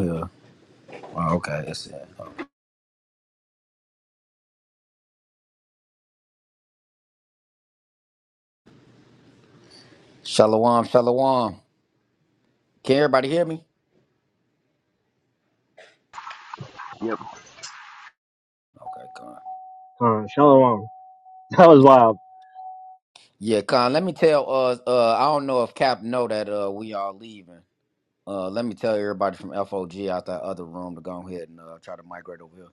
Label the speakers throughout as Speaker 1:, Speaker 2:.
Speaker 1: Yeah. Oh, okay. It's uh, Shalom, shalom. Can everybody hear me?
Speaker 2: Yep.
Speaker 1: Okay, Con.
Speaker 3: Uh, Shalom. That was wild.
Speaker 1: Yeah, Con. Let me tell. Uh, uh, I don't know if Cap know that uh we are leaving. Uh, let me tell everybody from FOG out that other room to go ahead and uh, try to migrate over here.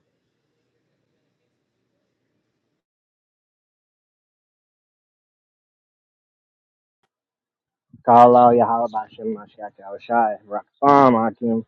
Speaker 3: Kala Yahalabashim Mashiach Yahushai. Rakfam Hakim.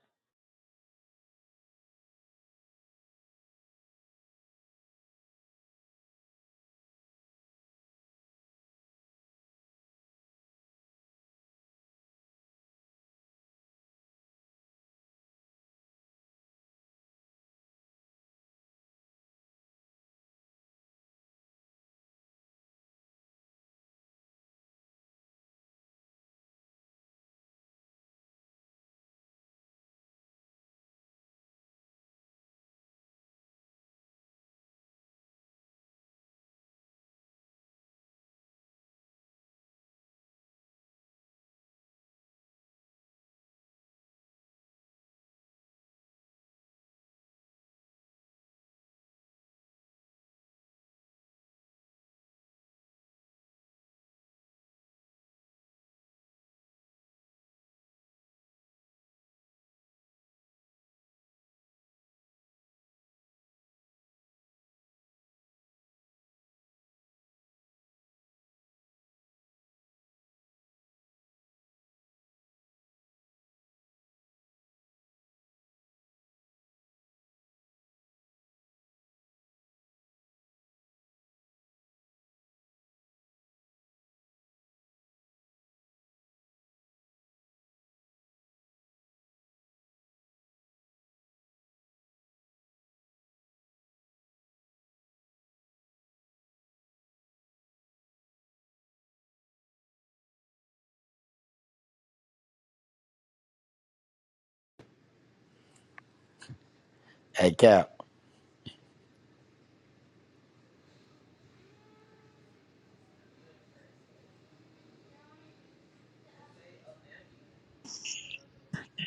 Speaker 1: Hey, Cap.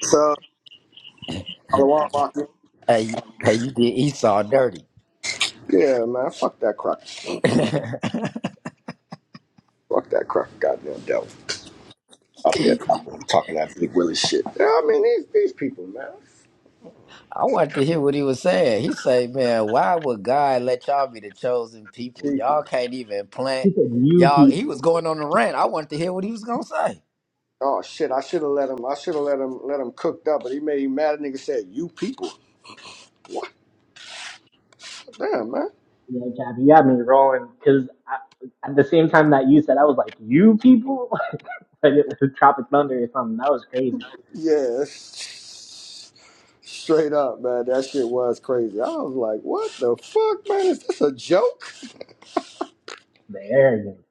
Speaker 4: So, Salawat Mafia.
Speaker 1: Hey, hey, you did Esau dirty.
Speaker 4: Yeah, man, fuck that crock. Fuck that crock, goddamn devil. Up there talking, talking that big Willie shit. Yeah, I mean these these people, man.
Speaker 1: I wanted to hear what he was saying. He say, "Man, why would God let y'all be the chosen people?
Speaker 4: People.
Speaker 1: Y'all can't even plant.
Speaker 3: He said you
Speaker 1: Y'all." He was
Speaker 3: people.
Speaker 1: going on the rant. I wanted to hear what he was gonna say.
Speaker 4: Oh shit, I should have let him. I should have let him let him cooked up, but he made him mad. nigga said, "You people." What? Damn, man.
Speaker 3: Yeah, Kathy, you had me rolling because at the same time that you said, I was like, you people? like it was Tropic Thunder or something. That was crazy.
Speaker 4: Yeah, it's- straight up, man. That shit was crazy. I was like, "What the fuck, man? Is this a joke?
Speaker 3: The arrogance.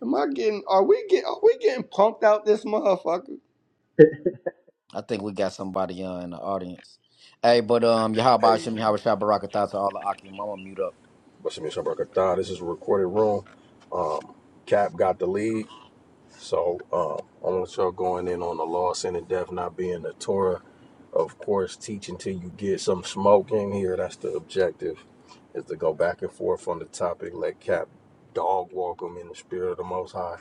Speaker 4: Am I getting? Are we getting? Are we getting punked out this motherfucker?"
Speaker 1: I think we got somebody uh, in the audience. Hey, but um, Yahaba
Speaker 5: Hey,
Speaker 1: Hashem, Yahweh Shai Baraka Thoughts all the Akim. I'm gonna mute up.
Speaker 5: what's up, Mr. Barkatah? This is a recorded room. Cap got the lead. So um, I want y'all going in on the law, sin, and death, not being the Torah. Of course, teach until you get some smoke in here. That's the objective, is to go back and forth on the topic. Let Cap dog walk him in the spirit of the Most High.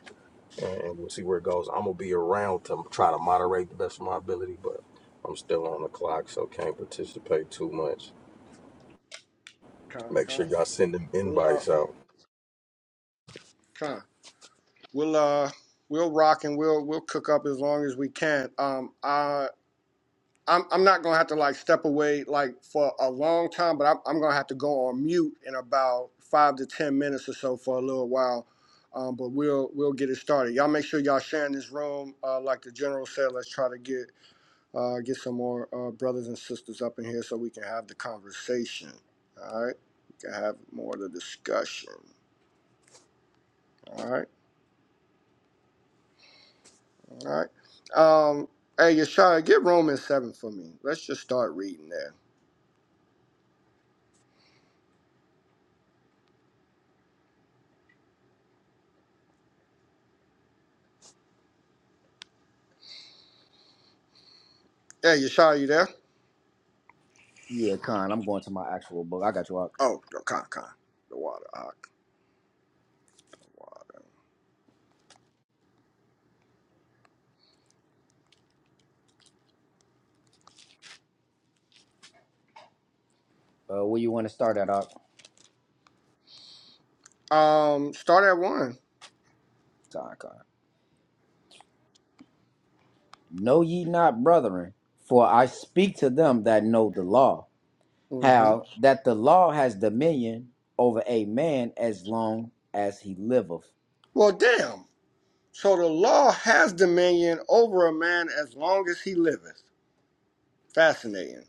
Speaker 5: And, and we'll see where it goes. I'm going to be around to try to moderate the best of my ability, but I'm still on the clock, so can't participate too much.
Speaker 4: Con,
Speaker 5: Make sure
Speaker 4: con,
Speaker 5: y'all send them
Speaker 4: real out,
Speaker 5: invites out.
Speaker 4: con. we'll uh we'll rock and we'll we'll cook up as long as we can. Um, I I'm I'm not gonna have to like step away like for a long time, but I'm I'm gonna have to go on mute in about five to ten minutes or so for a little while. Um, but we'll we'll get it started. Y'all make sure y'all sharing this room. Uh, like the general said, let's try to get uh, get some more uh, brothers and sisters up in here so we can have the conversation. All right, we can have more of the discussion. All right. All right. Um, hey, Yeshaya, get Romans 7 for me. Let's just start reading there. Hey, Yeshaya, you there?
Speaker 1: Yeah, Khan, I'm going to my actual book. I got you, Ak.
Speaker 4: Oh, the con, con. The water. ah, The
Speaker 1: Uh, where you want to start at, Ak?
Speaker 4: water. Um, start at one.
Speaker 1: Time, Khan. Know ye not, brethren, for I speak to them that know the law,
Speaker 4: hmm
Speaker 1: how that the law has dominion over a man as long as he liveth.
Speaker 4: Well, damn. So the law has dominion over a man as long as he liveth. Fascinating.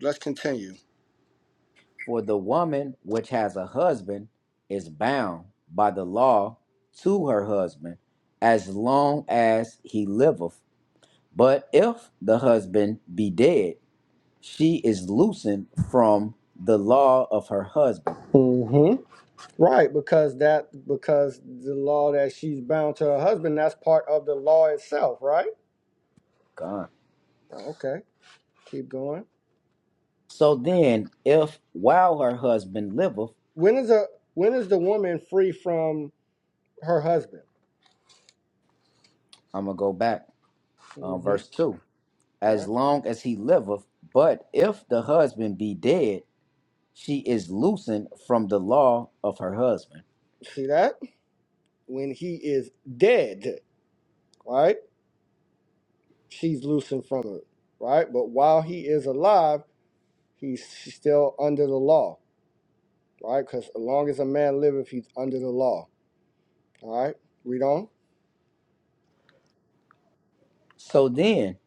Speaker 4: Let's continue.
Speaker 1: For the woman which has a husband is bound by the law to her husband as long as he liveth. But if the husband be dead, she is loosened from the law of her husband.
Speaker 4: hmm Right, because that because the law that she's bound to her husband, that's part of the law itself, right?
Speaker 1: God.
Speaker 4: Okay, keep going.
Speaker 1: So then, if while her husband liveth,
Speaker 4: When is a when is the woman free from her husband?
Speaker 1: I'm going to go back, uh,
Speaker 4: hmm
Speaker 1: verse 2 as
Speaker 4: Right.
Speaker 1: long as he liveth, but if the husband be dead, she is loosened from the law of her husband.
Speaker 4: See that? When he is dead, right? She's loosened from it, right? But while he is alive, he's still under the law, right? Because as long as a man liveth, he's under the law. All right. Read on.
Speaker 1: So then,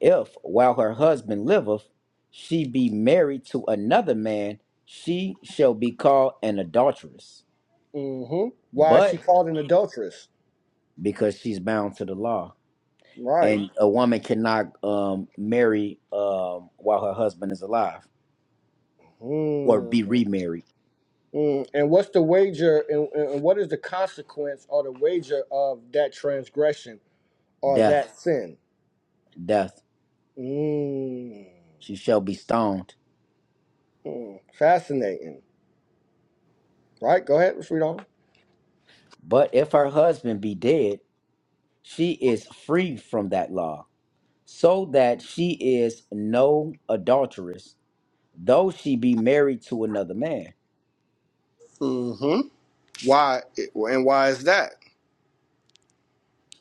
Speaker 1: if while her husband liveth, she be married to another man, she shall be called an adulteress.
Speaker 4: mm hmm Why is she
Speaker 1: But
Speaker 4: called an adulteress?
Speaker 1: because she's bound to the law,
Speaker 4: Right.
Speaker 1: and a woman cannot um, marry um, while her husband is alive or
Speaker 4: Mm.
Speaker 1: be remarried,
Speaker 4: Mm. And what's the wager? and and what is the consequence or the wager of that transgression? or
Speaker 1: death,
Speaker 4: that sin.
Speaker 1: death,
Speaker 4: Mm,
Speaker 1: she shall be stoned.
Speaker 4: mm, fascinating, right? Go ahead, read on.
Speaker 1: But if her husband be dead, she is free from that law, so that she is no adulteress though she be married to another man
Speaker 4: hmm Why and why is that?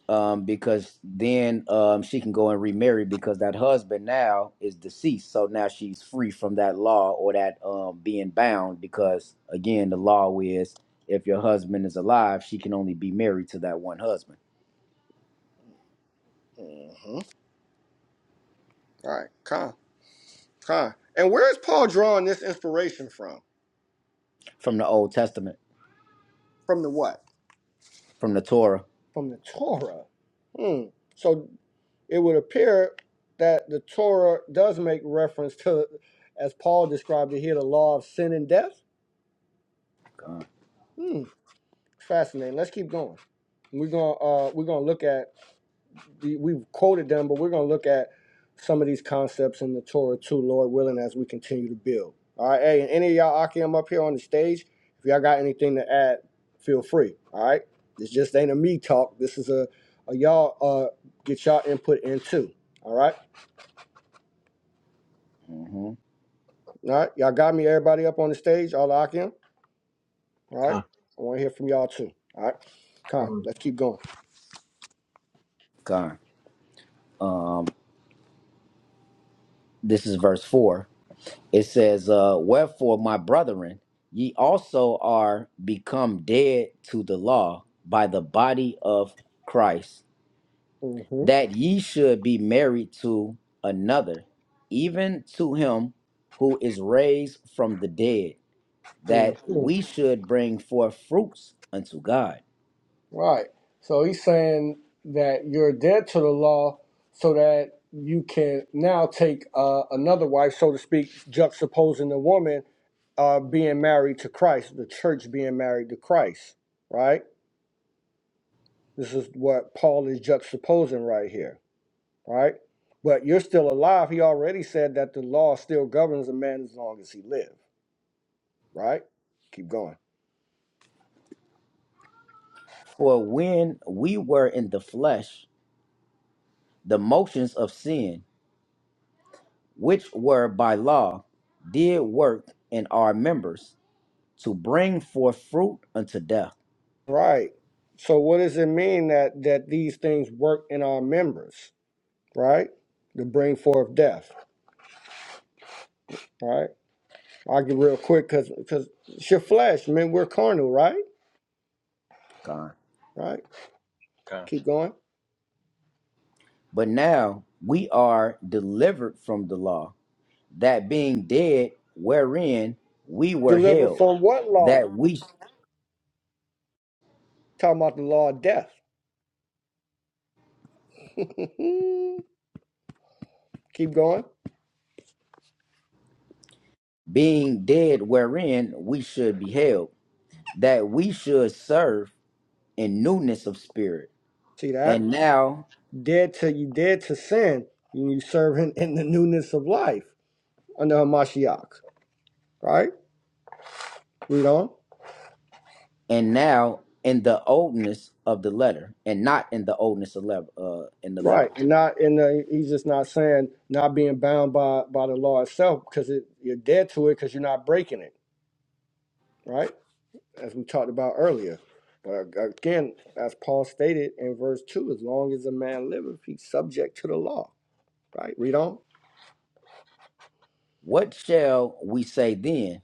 Speaker 1: um because then um she can go and remarry because that husband now is deceased so now she's free from that law or that um being bound because again the law is if your husband is alive she can only be married to that one husband
Speaker 4: Mm-hmm. All right, con, con. And where is Paul drawing this inspiration from?
Speaker 1: from the old testament
Speaker 4: From the what?
Speaker 1: from the torah
Speaker 4: From the Torah. Hmm. So it would appear that the Torah does make reference to, as Paul described it here, the law of sin and death. Hmm. Fascinating. Let's keep going. We're gonna uh, we're gonna look at we've quoted them, but we're going to look at some of these concepts in the Torah too, Lord willing, as we continue to build. All right, hey, and any of y'all Akim up here on the stage, if y'all got anything to add, feel free. All right, this just ain't a me talk. This is a, a y'all uh get y'all input in too. All right,
Speaker 1: mm-hmm.
Speaker 4: all right, y'all got me. Everybody up on the stage, all the Akim. All right,
Speaker 6: Ka,
Speaker 4: I want to hear from y'all too. All right, come,
Speaker 3: Um,
Speaker 4: let's keep going.
Speaker 1: God. um this is verse 4 it says, uh, Wherefore, my brethren, ye also are become dead to the law by the body of Christ,
Speaker 4: hmm
Speaker 1: that ye should be married to another, even to him who is raised from the dead, that we should bring forth fruits unto God.
Speaker 4: Right. So he's saying that you're dead to the law so that you can now take uh, another wife, so to speak, juxtaposing the woman uh, being married to Christ, the church being married to Christ, right? This is what Paul is juxtaposing right here, right? But you're still alive. He already said that the law still governs a man as long as he lives, right? Keep going.
Speaker 1: For when we were in the flesh, the motions of sin, which were by law, did work in our members to bring forth fruit unto death.
Speaker 4: Right. So what does it mean that that these things work in our members? right? To bring forth death, right? I'll get real quick because because it's your flesh, man. We're carnal, right?
Speaker 1: God.
Speaker 4: Right?
Speaker 6: ka,
Speaker 4: Keep going.
Speaker 1: But now we are delivered from the law, that being dead wherein we were
Speaker 4: Deliver
Speaker 1: held,
Speaker 4: from what law?
Speaker 1: that we
Speaker 4: Talking about the law of death. Keep going.
Speaker 1: being dead wherein we should be held, that we should serve in newness of spirit,
Speaker 4: See that?
Speaker 1: and now
Speaker 4: Dead to you dead to sin, and you serve him in the newness of life under Hamashiach. Right? Read on.
Speaker 1: and now in the oldness of the letter, and not in the oldness of lev- uh, in the letter.
Speaker 4: Right. And not and uh, he's just not saying not being bound by by the law itself because it, you're dead to it because you're not breaking it. Right? as we talked about earlier. But again, as Paul stated in verse 2, as long as a man liveth, he's subject to the law. Right? Read on.
Speaker 1: What shall we say then?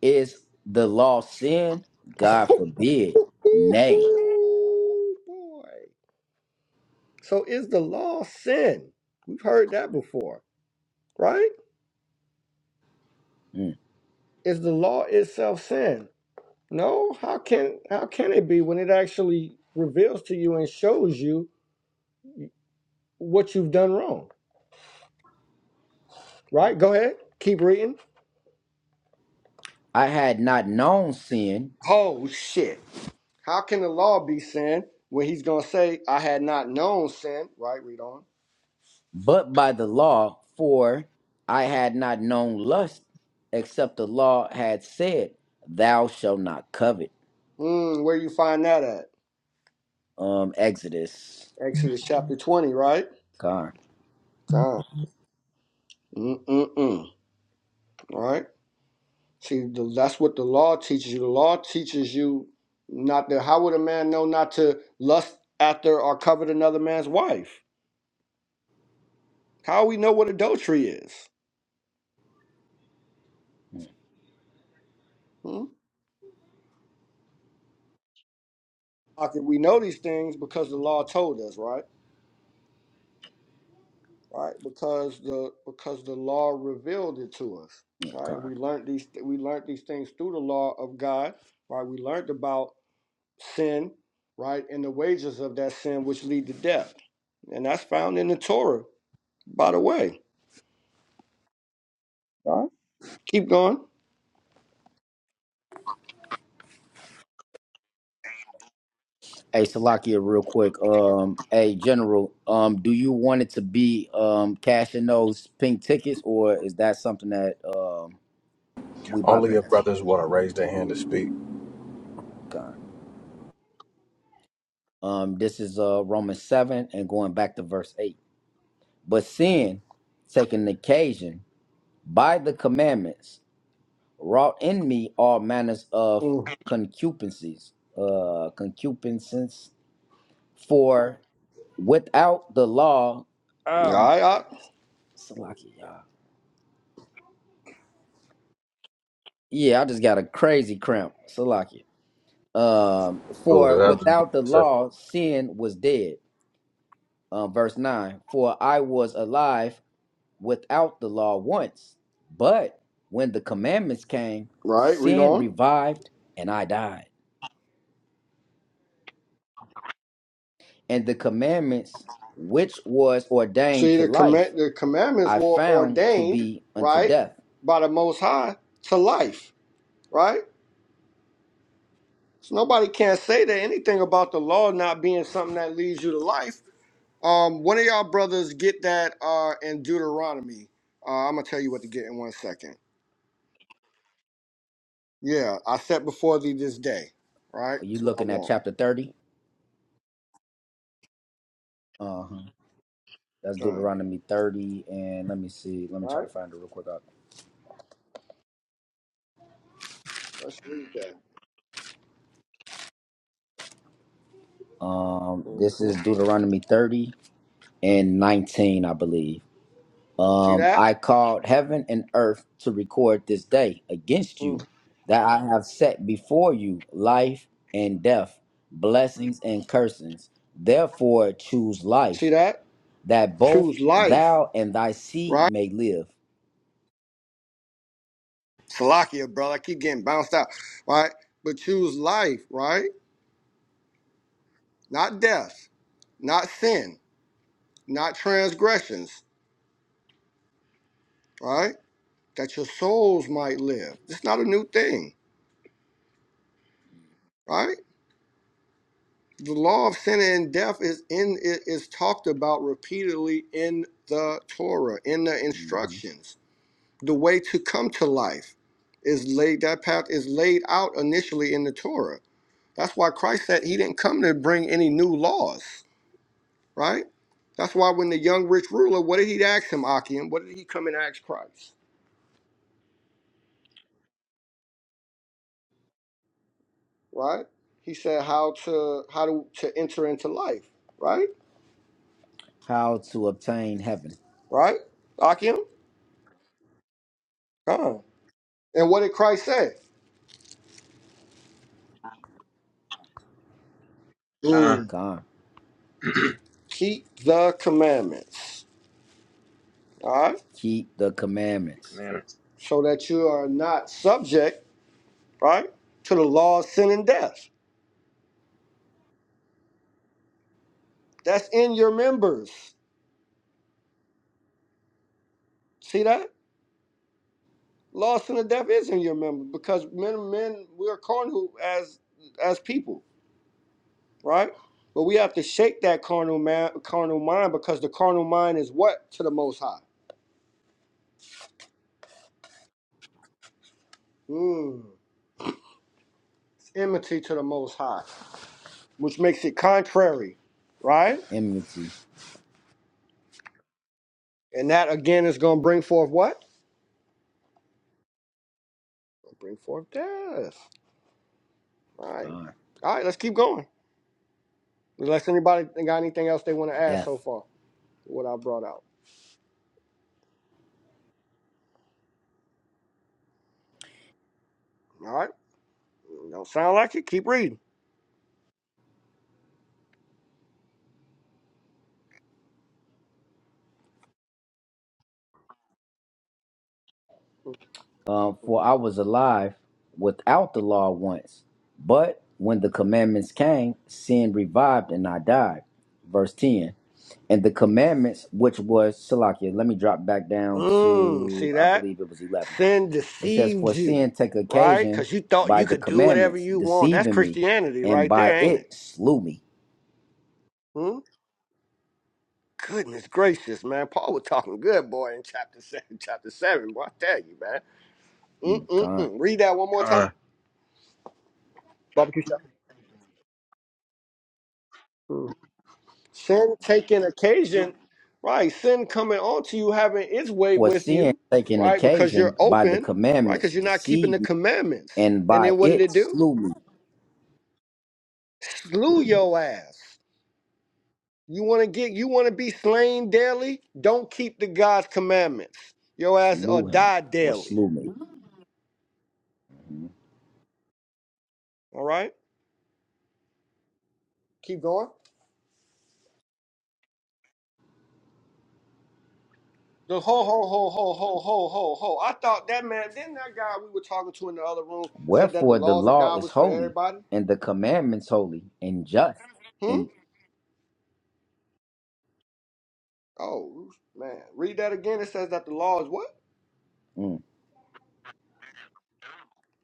Speaker 1: Is the law sin? God forbid. Nay.
Speaker 4: Oh, Boy. So is the law sin? We've heard that before, right?
Speaker 1: Mm.
Speaker 4: Is the law itself sin? No, how can how can it be when it actually reveals to you and shows you what you've done wrong? Right? Go ahead. Keep reading.
Speaker 1: I had not known sin,
Speaker 4: Oh shit. How can the law be sin when he's going to say, I had not known sin? Right, read on.
Speaker 1: but by the law, for I had not known lust, except the law had said, Thou shalt not covet.
Speaker 4: Mm, where you find that at?
Speaker 1: Um, Exodus.
Speaker 4: Exodus chapter 20, right?
Speaker 1: Car.
Speaker 4: Come. Mm-mm-mm. All right. See, that's what the law teaches you. The law teaches you not to, how would a man know not to lust after or covet another man's wife? How we know what adultery is? Hmm? How can we know these things? Because the law told us, right? right? Because the because the law revealed it to us,
Speaker 1: Yeah,
Speaker 4: right? And
Speaker 1: car.
Speaker 4: we learned these we learned these things through the law of God, right? We learned about sin, right, and the wages of that sin which lead to death, and that's found in the Torah, by the way. All right, keep going.
Speaker 1: Hey, Salakia, real quick. Um, hey, General. Um, do you want it to be um cashing those pink tickets, or is that something that um we
Speaker 5: Only if
Speaker 1: bypass?
Speaker 5: brothers want to raise their hand to speak.
Speaker 1: Um, this is uh, Romans 7 and going back to verse 8. But sin, taking occasion by the commandments, wrought in me all manners of
Speaker 4: Mm.
Speaker 1: concupiscences, uh, concupiscence, for without the law,
Speaker 4: All
Speaker 1: oh my
Speaker 4: right, all
Speaker 1: goodness, Salaki, y'all. Yeah, I just got a crazy cramp, Salaki. Um,
Speaker 5: But
Speaker 1: for
Speaker 5: that's others
Speaker 1: without the
Speaker 5: want to say,
Speaker 1: law, sin was dead. Um, verse 9, for I was alive without the law once, but when the commandments came,
Speaker 4: right, right, read
Speaker 1: sin
Speaker 4: on.
Speaker 1: revived and I died. And the commandments which was ordained
Speaker 4: See,
Speaker 1: to
Speaker 4: the
Speaker 1: life,
Speaker 4: command the commandments
Speaker 1: I
Speaker 4: were
Speaker 1: found to
Speaker 4: ordained,
Speaker 1: be unto
Speaker 4: right,
Speaker 1: death.
Speaker 4: by the Most High to life, right? So nobody can't say that anything about the law not being something that leads you to life. Um, one of y'all brothers get that uh, in Deuteronomy. Uh, I'm gonna tell you what to get in one second. Yeah, I set before thee this day. Right,
Speaker 1: Are you
Speaker 4: that's what I
Speaker 1: looking at
Speaker 4: want.
Speaker 1: chapter 30? Uh huh. That's
Speaker 4: Done.
Speaker 1: Deuteronomy 30. And let me see. Let me
Speaker 4: All
Speaker 1: try to
Speaker 4: right,
Speaker 1: find it real quick. Uh,
Speaker 4: let's read that.
Speaker 1: Um, this
Speaker 4: hmm
Speaker 1: is Deuteronomy 30 and 19, I believe.
Speaker 4: See
Speaker 1: Um, I
Speaker 4: that?
Speaker 1: called heaven and earth to record this day against you
Speaker 4: Mhm.
Speaker 1: that I have set before you life and death, blessings and cursings. Therefore, choose
Speaker 4: See
Speaker 1: life,
Speaker 4: that?
Speaker 1: that both
Speaker 4: Choose life.
Speaker 1: thou and thy seed
Speaker 4: Right,
Speaker 1: may live.
Speaker 4: Salakia, brother. I keep getting bounced out. Right, but choose life. Right, not death, not sin, not transgressions. Right that your souls might live. It's not a new thing, right? The law of sin and death is in it is talked about repeatedly in the Torah, in the
Speaker 1: Mhm.
Speaker 4: instructions. The way to come to life is laid that path is laid out initially in the Torah. That's why Christ said he didn't come to bring any new laws, right? That's why when the young rich ruler, what did he ask him, Akim? What did he come and ask Christ? Right? He said how to how to, to enter into life, right?
Speaker 1: How to obtain heaven.
Speaker 4: right? Akim? Come. And what did Christ say?
Speaker 6: ka.
Speaker 4: Mm,
Speaker 1: Con.
Speaker 6: the
Speaker 4: keep the commandments, all right?
Speaker 1: Keep the commandments.
Speaker 6: commandments.
Speaker 4: So that you are not subject, right, to the law of sin and death. That's in your members. See that? Law of sin and death is in your members because men, men, we are carnal as as people, right? But we have to shake that carnal man, carnal mind because the carnal mind is what to the Most High? Mm, it's enmity to the Most High. which makes it contrary, right?
Speaker 1: Enmity.
Speaker 4: And that again is going to bring forth what? Bring forth death. All right.
Speaker 1: Con.
Speaker 4: All right, let's keep going. Unless anybody got anything else they want to add so
Speaker 1: Death.
Speaker 4: far, what I brought out. All right. Don't sound like it. Keep reading.
Speaker 1: Um, for I was alive without the law once, but when the commandments came, sin revived and I died. Verse 10. And the commandments, which was Salakia, let me drop back down
Speaker 4: Mm,
Speaker 1: to,
Speaker 4: see
Speaker 1: I
Speaker 4: that?
Speaker 1: believe it was 11.
Speaker 4: Sin
Speaker 1: It says,
Speaker 4: deceived
Speaker 1: For
Speaker 4: you,
Speaker 1: sin take
Speaker 4: right?
Speaker 1: occasion
Speaker 4: Because you thought
Speaker 1: by
Speaker 4: you
Speaker 1: the
Speaker 4: could do whatever
Speaker 1: commandments,
Speaker 4: you want. That's
Speaker 1: deceiving me,
Speaker 4: Christianity
Speaker 1: and
Speaker 4: right
Speaker 1: by
Speaker 4: there, ain't it?
Speaker 1: it slew me.
Speaker 4: Hmm? Goodness gracious, man. Paul was talking good, boy, in chapter seven, chapter seven. Boy, I tell you, man.
Speaker 1: Mm, God.
Speaker 4: Mm-mm-mm. Read that one more
Speaker 6: Ka,
Speaker 4: time. Barbecue shop. Mm. Sin taking occasion, right? Sin coming onto you, having its way
Speaker 1: For
Speaker 4: with
Speaker 1: sin
Speaker 4: you,
Speaker 1: taking
Speaker 4: right? Because you're
Speaker 1: occasion by the
Speaker 4: open, right?
Speaker 1: commandments,
Speaker 4: Because you're not keeping the
Speaker 1: deceived me,
Speaker 4: commandments.
Speaker 1: and
Speaker 4: And
Speaker 1: by
Speaker 4: then what did
Speaker 1: it
Speaker 4: it do?
Speaker 1: slew me.
Speaker 4: Slew your ass. You want to get, you want to be slain daily? Don't keep the God's commandments. Your ass or
Speaker 1: Slew him
Speaker 4: die
Speaker 1: or
Speaker 4: daily.
Speaker 1: slew me.
Speaker 4: All right. Keep going. The ho ho ho ho ho ho ho ho. I thought that man. Then that guy we were talking to in the other room said that the
Speaker 1: Wherefore the
Speaker 4: laws of
Speaker 1: law
Speaker 4: God
Speaker 1: is
Speaker 4: was for
Speaker 1: holy,
Speaker 4: everybody.
Speaker 1: and the commandments holy and just.
Speaker 4: Hmm.
Speaker 1: And
Speaker 4: Oh man, read that again. It says that the law is what?
Speaker 1: mm,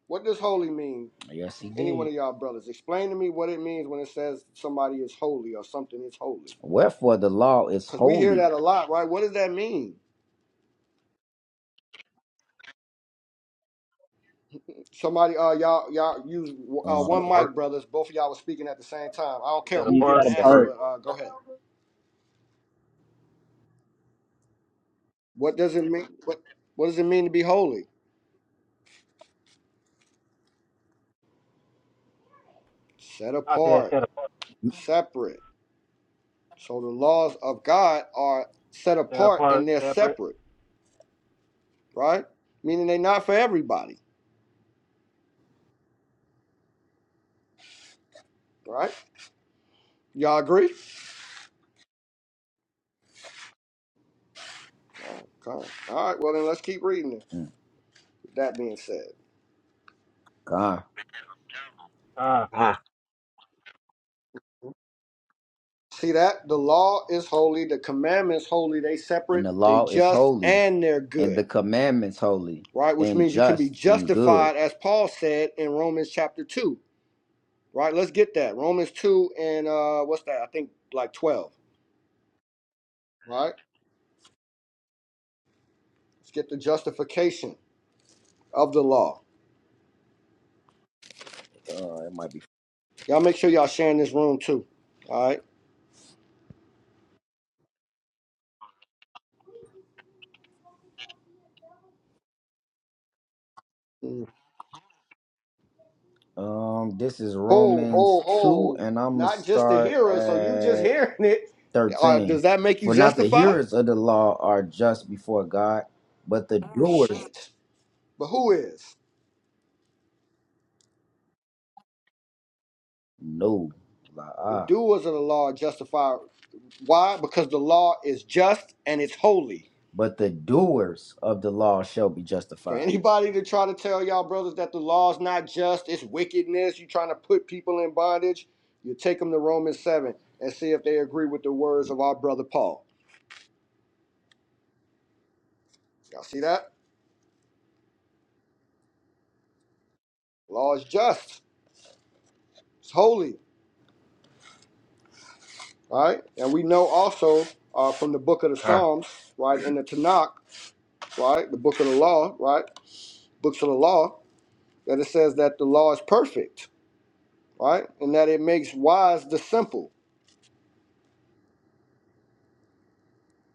Speaker 4: What does holy mean?
Speaker 1: yes, he
Speaker 4: Any one
Speaker 1: did.
Speaker 4: of y'all brothers, explain to me what it means when it says somebody is holy or something is holy.
Speaker 1: Wherefore the law is
Speaker 4: Cause we hear
Speaker 1: holy.
Speaker 4: that a lot, right? What does that mean? Somebody, uh, y'all, y'all use uh,
Speaker 6: set
Speaker 1: Um,
Speaker 4: one
Speaker 6: apart,
Speaker 4: mic, brothers. Both of y'all were speaking at the same time. I don't care
Speaker 3: to
Speaker 7: Set
Speaker 4: who
Speaker 3: be
Speaker 4: give
Speaker 3: set
Speaker 7: apart.
Speaker 4: the answer,
Speaker 6: separate.
Speaker 3: apart.
Speaker 4: but uh, go ahead. What does it mean? What What does it mean to be holy? set
Speaker 7: I said
Speaker 4: apart,
Speaker 7: set apart.
Speaker 4: separate. So the laws of God are set
Speaker 7: Set
Speaker 4: apart
Speaker 7: apart.
Speaker 4: and they're
Speaker 7: Separate.
Speaker 4: separate, right? Meaning they're not for everybody, right? Y'all agree? Okay. All right, well, then let's keep reading it.
Speaker 1: mm,
Speaker 4: With that being said,
Speaker 1: God,
Speaker 7: Uh,
Speaker 6: Ka,
Speaker 4: see that? The law is holy, the commandments holy, they
Speaker 1: and
Speaker 4: separate,
Speaker 1: the
Speaker 4: they
Speaker 1: law is
Speaker 4: just,
Speaker 1: holy,
Speaker 4: and they're
Speaker 1: and the
Speaker 4: good,
Speaker 1: commandments holy
Speaker 4: right? Which
Speaker 1: and
Speaker 4: means you can be
Speaker 1: just and good.
Speaker 4: justified, as Paul said in Romans chapter 2, right? Let's get that. Romans 2 and uh, what's that? I think like 12, right? Let's get the justification of the law.
Speaker 1: Uh, it might be.
Speaker 4: Y'all make sure y'all sharing this room too. All right. Mm.
Speaker 1: Um, this is
Speaker 4: Ho,
Speaker 1: Romans
Speaker 4: ho,
Speaker 1: two,
Speaker 4: ho.
Speaker 1: and I'm gonna
Speaker 4: Not just the
Speaker 1: start
Speaker 4: hearers, so you just
Speaker 1: at
Speaker 4: hearing it. Uh,
Speaker 1: thirteen.
Speaker 4: does that make you
Speaker 1: For not the
Speaker 4: justified?
Speaker 1: hearers of the law are just before God, but the doers.
Speaker 4: Shit. But who is?
Speaker 1: No, La
Speaker 4: The
Speaker 1: ah.
Speaker 4: doers of the law are justified. Why? Because the law is just and it's holy.
Speaker 1: but the doers of the law shall be
Speaker 4: For
Speaker 1: justified.
Speaker 4: anybody to try to tell y'all brothers that the law is not just, it's wickedness, you trying to put people in bondage, you take them to Romans 7 and see if they agree with the words of our brother Paul. Y'all see that? Law is just. It's holy. All right. And we know also uh, from the book of the
Speaker 6: ka,
Speaker 4: Psalms, right, in the Tanakh, right, the book of the law, right, books of the law, that it says that the law is perfect, right, and that it makes wise the simple.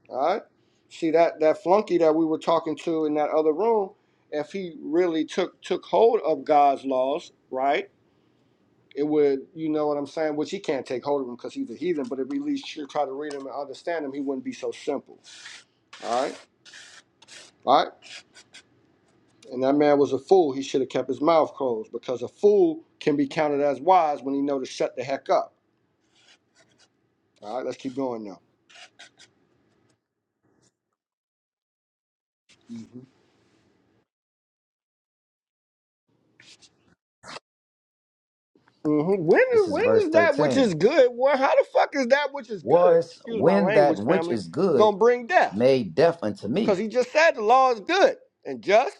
Speaker 4: All right. See that that flunky that we were talking to in that other room, if he really took took hold of God's laws, right, it would, you know what I'm saying, which he can't take hold of them because he's a heathen, but if he at least should try to read them and understand them, he wouldn't be so simple. All right. All right. And that man was a fool. He should have kept his mouth closed because a fool can be counted as wise when he know to shut the heck up. All right. Let's keep going now. Mhm. When
Speaker 1: This
Speaker 4: is
Speaker 1: is
Speaker 4: when
Speaker 1: verse
Speaker 4: is that which is
Speaker 1: 13.
Speaker 4: good? Well, how the fuck is that which is good?
Speaker 1: Was
Speaker 4: Excuse my
Speaker 1: when that
Speaker 4: language,
Speaker 1: which
Speaker 4: family.
Speaker 1: is good
Speaker 4: Gonna bring death
Speaker 1: made deaf unto
Speaker 4: because
Speaker 1: me
Speaker 4: he just said the law is good and just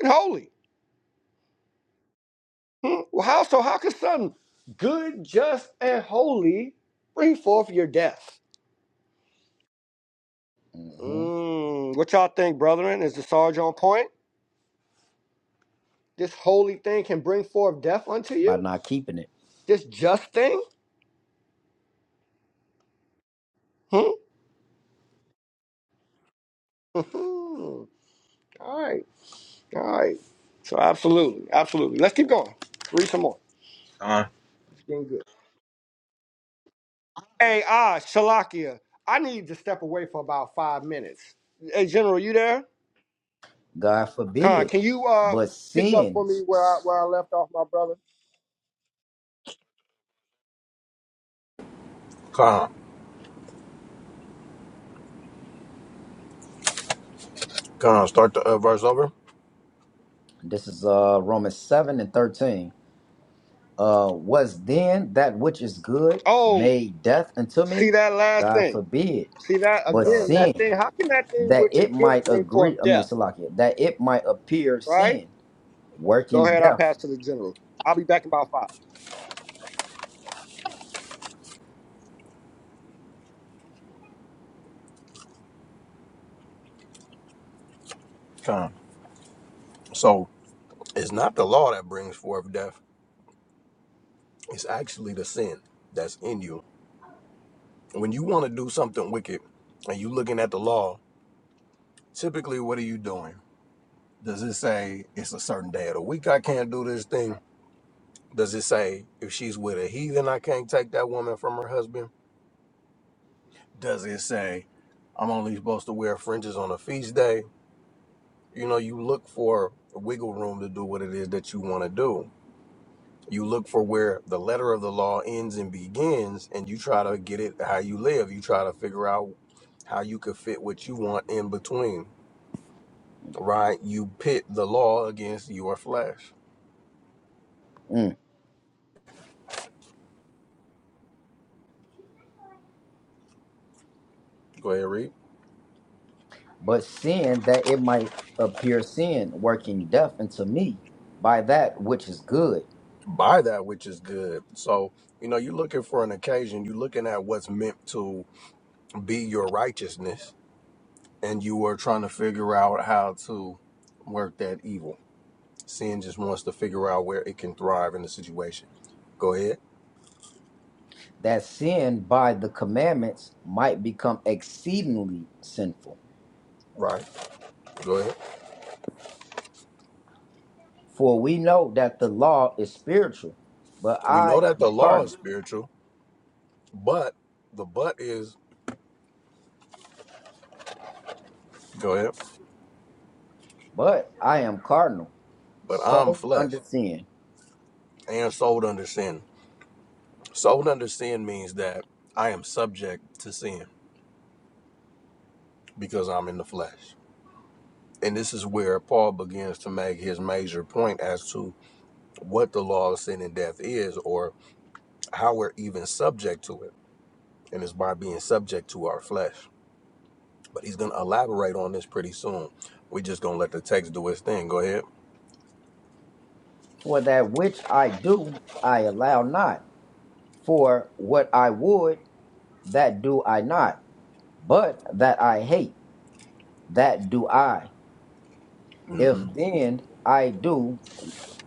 Speaker 4: and holy. Hmm? Well, how so? How can something good, just, and holy bring forth your death?
Speaker 1: Mhm.
Speaker 4: Mm, what y'all think, brethren? Is the Sarge on point? This holy thing can bring forth death unto
Speaker 1: by
Speaker 4: you?
Speaker 1: not keeping it.
Speaker 4: This just thing? Hmm? Hmm. all right, all right. So absolutely, absolutely. Let's keep going. Read some more.
Speaker 6: ka.
Speaker 4: It's getting good. Hey, ah, Shalakia, I need to step away for about five minutes. Hey, General, you there?
Speaker 1: God
Speaker 4: Khan,
Speaker 1: forbid.
Speaker 4: can you uh
Speaker 1: But
Speaker 4: pick up for
Speaker 1: sin,
Speaker 4: me where I where I left off, my brother?
Speaker 5: Khan, start the uh, verse over.
Speaker 1: this is uh, Romans 7 and 13, uh, was then that which is good
Speaker 4: Oh,
Speaker 1: made death unto
Speaker 4: see
Speaker 1: me?
Speaker 4: that last
Speaker 1: God
Speaker 4: thing.
Speaker 1: forbid.
Speaker 4: See that
Speaker 1: But
Speaker 5: Khan,
Speaker 4: again,
Speaker 5: go
Speaker 4: that
Speaker 5: ahead.
Speaker 1: sin,
Speaker 4: thing. How can that thing
Speaker 1: that
Speaker 4: which is
Speaker 1: it
Speaker 4: good
Speaker 1: might
Speaker 4: bring forth
Speaker 1: agree, I mean,
Speaker 4: death?
Speaker 1: Salakia, that it might appear
Speaker 4: Right?
Speaker 1: sin,
Speaker 4: Go
Speaker 1: working
Speaker 4: ahead, I'll
Speaker 1: death.
Speaker 4: pass to the general. I'll be back in about five.
Speaker 5: So it's not the law that brings forth death. It's actually the sin that's in you. When you want to do something wicked and you looking at the law, typically what are you doing? Does it say it's a certain day of the week I can't do this thing? Does it say if she's with a heathen I can't take that woman from her husband? Does it say I'm only supposed to wear fringes on a feast day? you know you look for wiggle room to do what it is that you want to do you look for where the letter of the law ends and begins and you try to get it how you live you try to figure out how you could fit what you want in between right you pit the law against your flesh go ahead read
Speaker 1: but sin that it might appear sin working death unto me by that which is good
Speaker 5: by that which is good so you know you're looking for an occasion you're looking at what's meant to be your righteousness and you are trying to figure out how to work that evil Sin just wants to figure out where it can thrive in the situation. Go ahead.
Speaker 1: that sin by the commandments might become exceedingly sinful
Speaker 5: Right. Go ahead.
Speaker 1: for we know that the law is spiritual but
Speaker 5: We know
Speaker 1: i
Speaker 5: that
Speaker 1: am
Speaker 5: the law is
Speaker 1: carnal
Speaker 5: spiritual, but the but is go ahead.
Speaker 1: but i am carnal
Speaker 5: But I'm
Speaker 1: sold under
Speaker 5: flesh
Speaker 1: sin
Speaker 5: and sold under sin. Sold under sin means that I am subject to sin because I'm in the flesh. And this is where Paul begins to make his major point as to what the law of sin and death is or how we're even subject to it. And it's by being subject to our flesh. but he's gonna elaborate on this pretty soon. We just gonna let the text do its thing. Go ahead.
Speaker 1: for that which i do i allow not for what i would that do i not but that i hate that do i If
Speaker 5: hmm
Speaker 1: then I do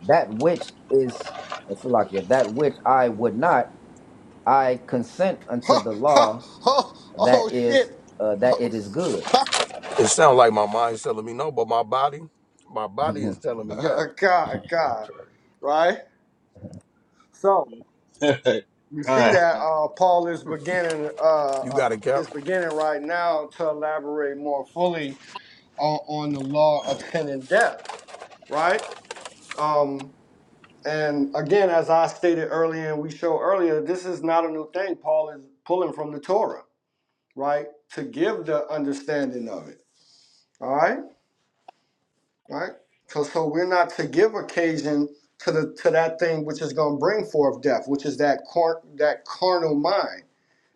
Speaker 1: that which is Salakia, that which I would not, I consent unto
Speaker 4: Ha,
Speaker 1: the
Speaker 4: ha,
Speaker 1: law
Speaker 4: oh, oh
Speaker 1: that
Speaker 4: shit.
Speaker 1: is uh,
Speaker 4: Oh,
Speaker 1: that it is good.
Speaker 4: ha,
Speaker 5: It sounds like my mind's telling me no, but my body, my body is telling me yes.
Speaker 4: God, God. Right? So
Speaker 6: ka,
Speaker 4: we see that
Speaker 6: ka,
Speaker 4: uh, Paul is beginning uh,
Speaker 5: You
Speaker 4: uh,
Speaker 5: got it, Cap.
Speaker 4: is beginning right now to elaborate more fully on, on the law of sin and death, right? Um, and again, as I stated earlier and we showed earlier, this is not a new thing. Paul is pulling from the Torah, right? To give the understanding of it. All right? right? So, so we're not to give occasion to the to that thing which is going to bring forth death, which is that car, that carnal mind,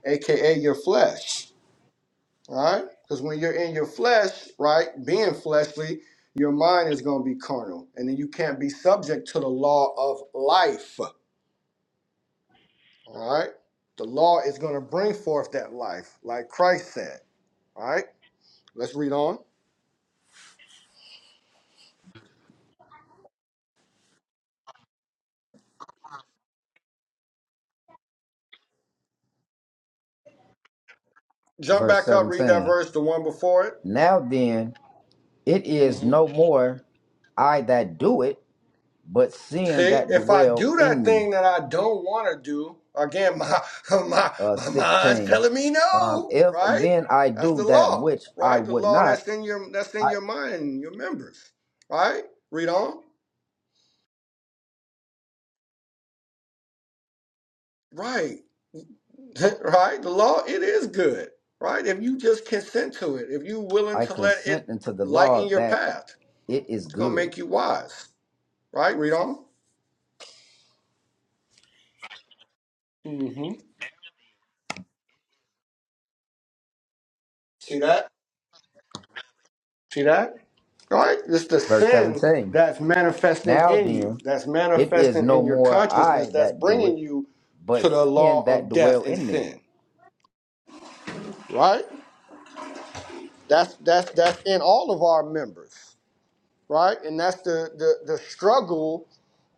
Speaker 4: aka your flesh, right? Because when you're in your flesh, right, being fleshly, your mind is going to be carnal, and then you can't be subject to the law of life, all right? The law is going to bring forth that life, like Christ said. All right, let's read on. Jump
Speaker 1: Verse
Speaker 4: back up, read that
Speaker 1: 17.
Speaker 4: verse, the one before it.
Speaker 1: Now then, it is
Speaker 4: Mm-hmm.
Speaker 1: no more I that do it, but sin
Speaker 4: See,
Speaker 1: that
Speaker 4: if I
Speaker 1: dwell
Speaker 4: do
Speaker 1: in
Speaker 4: that
Speaker 1: me.
Speaker 4: thing that I don't want to do, again, my my
Speaker 1: Uh,
Speaker 4: my mind's
Speaker 1: 16.
Speaker 4: telling me
Speaker 1: Um,
Speaker 4: no,
Speaker 1: if
Speaker 4: right?
Speaker 1: then I
Speaker 4: That's
Speaker 1: do
Speaker 4: the
Speaker 1: that
Speaker 4: law,
Speaker 1: which I
Speaker 4: right? The
Speaker 1: would
Speaker 4: law
Speaker 1: not,
Speaker 4: that's in your that's
Speaker 1: I,
Speaker 4: in your mind, and your members, right? Read on, right, right. The law it is good, right? If you just consent to it, if you are willing
Speaker 1: I
Speaker 4: to let
Speaker 1: consent
Speaker 4: it
Speaker 1: unto the
Speaker 4: lighten
Speaker 1: law
Speaker 4: your
Speaker 1: that
Speaker 4: path,
Speaker 1: it is
Speaker 4: it's gonna
Speaker 1: good.
Speaker 4: make you wise, right? Read on. hmm See that? See that? All Right? It's the
Speaker 1: Verse
Speaker 4: sin
Speaker 1: 17.
Speaker 4: that's manifesting
Speaker 1: Now
Speaker 4: in you,
Speaker 1: then,
Speaker 4: that's
Speaker 1: it is
Speaker 4: manifesting
Speaker 1: no
Speaker 4: in your
Speaker 1: more I
Speaker 4: consciousness, that's
Speaker 1: that do
Speaker 4: bringing
Speaker 1: it,
Speaker 4: you
Speaker 1: but
Speaker 4: to the
Speaker 1: sin
Speaker 4: law
Speaker 1: that
Speaker 4: of death
Speaker 1: dwell
Speaker 4: and
Speaker 1: in me.
Speaker 4: sin. Right? That's that's that's in all of our members. Right? And that's the the, the struggle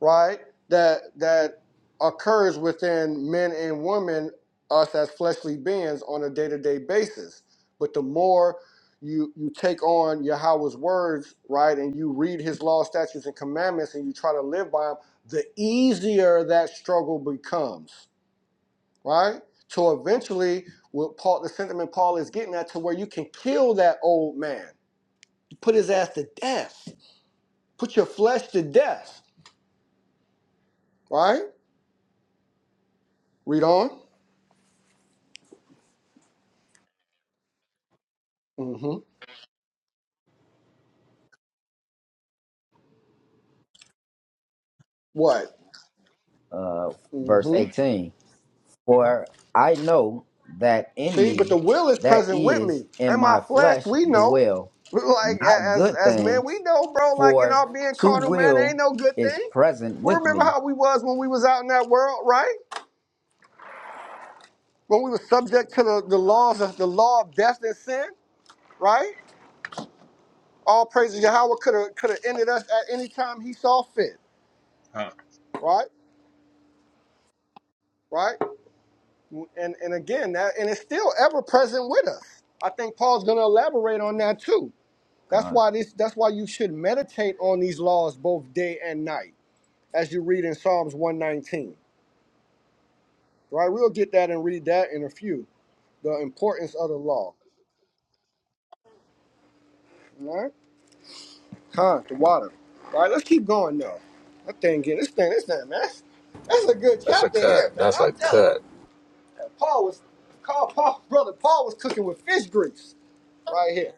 Speaker 4: right? That that occurs within men and women, us as fleshly beings on a day-to-day basis. But the more you you take on Yahweh's words, right, and you read his law, statutes, and commandments, and you try to live by them, the easier that struggle becomes, right? So eventually, what Paul, the sentiment Paul is getting at, to where you can kill that old man, put his ass to death, put your flesh to death, right? Read on. Mm-hmm. What?
Speaker 1: Uh, verse
Speaker 4: hmm
Speaker 1: 18. For I know that in
Speaker 4: See, but
Speaker 1: me,
Speaker 4: the will is
Speaker 1: that
Speaker 4: present with
Speaker 1: is
Speaker 4: me,
Speaker 1: in
Speaker 4: and my
Speaker 1: my
Speaker 4: flesh.
Speaker 1: flesh,
Speaker 4: We know,
Speaker 1: dwell
Speaker 4: like
Speaker 1: not
Speaker 4: as
Speaker 1: good
Speaker 4: as men, we
Speaker 1: things,
Speaker 4: know, bro. Like in our
Speaker 1: for
Speaker 4: being
Speaker 1: to
Speaker 4: carnal, man,
Speaker 1: will
Speaker 4: ain't no good
Speaker 1: is
Speaker 4: thing.
Speaker 1: present
Speaker 4: We
Speaker 1: with
Speaker 4: remember
Speaker 1: me.
Speaker 4: how we was when we was out in that world, right? When we were subject to the, the laws of the law of death and sin, right? All praises Yahweh could have could have ended us at any time He saw fit,
Speaker 6: ka.
Speaker 4: right? Right? And and again, that and it's still ever present with us. I think Paul's going to elaborate on that too That's
Speaker 1: Con.
Speaker 4: why this that's why you should meditate on these laws both day and night, as you read in Psalms 119. Right? We'll get that and read that in a few. The importance of the law. All right? Huh, the water. All right, let's keep going though. That thing getting this thing, this thing, man. That's, that's a good
Speaker 5: That's a
Speaker 4: chapter
Speaker 5: cut.
Speaker 4: here, man.
Speaker 5: That's
Speaker 4: I'm
Speaker 5: a
Speaker 4: telling
Speaker 5: cut.
Speaker 4: you. Paul was called Paul, brother. Paul was cooking with fish grease right here.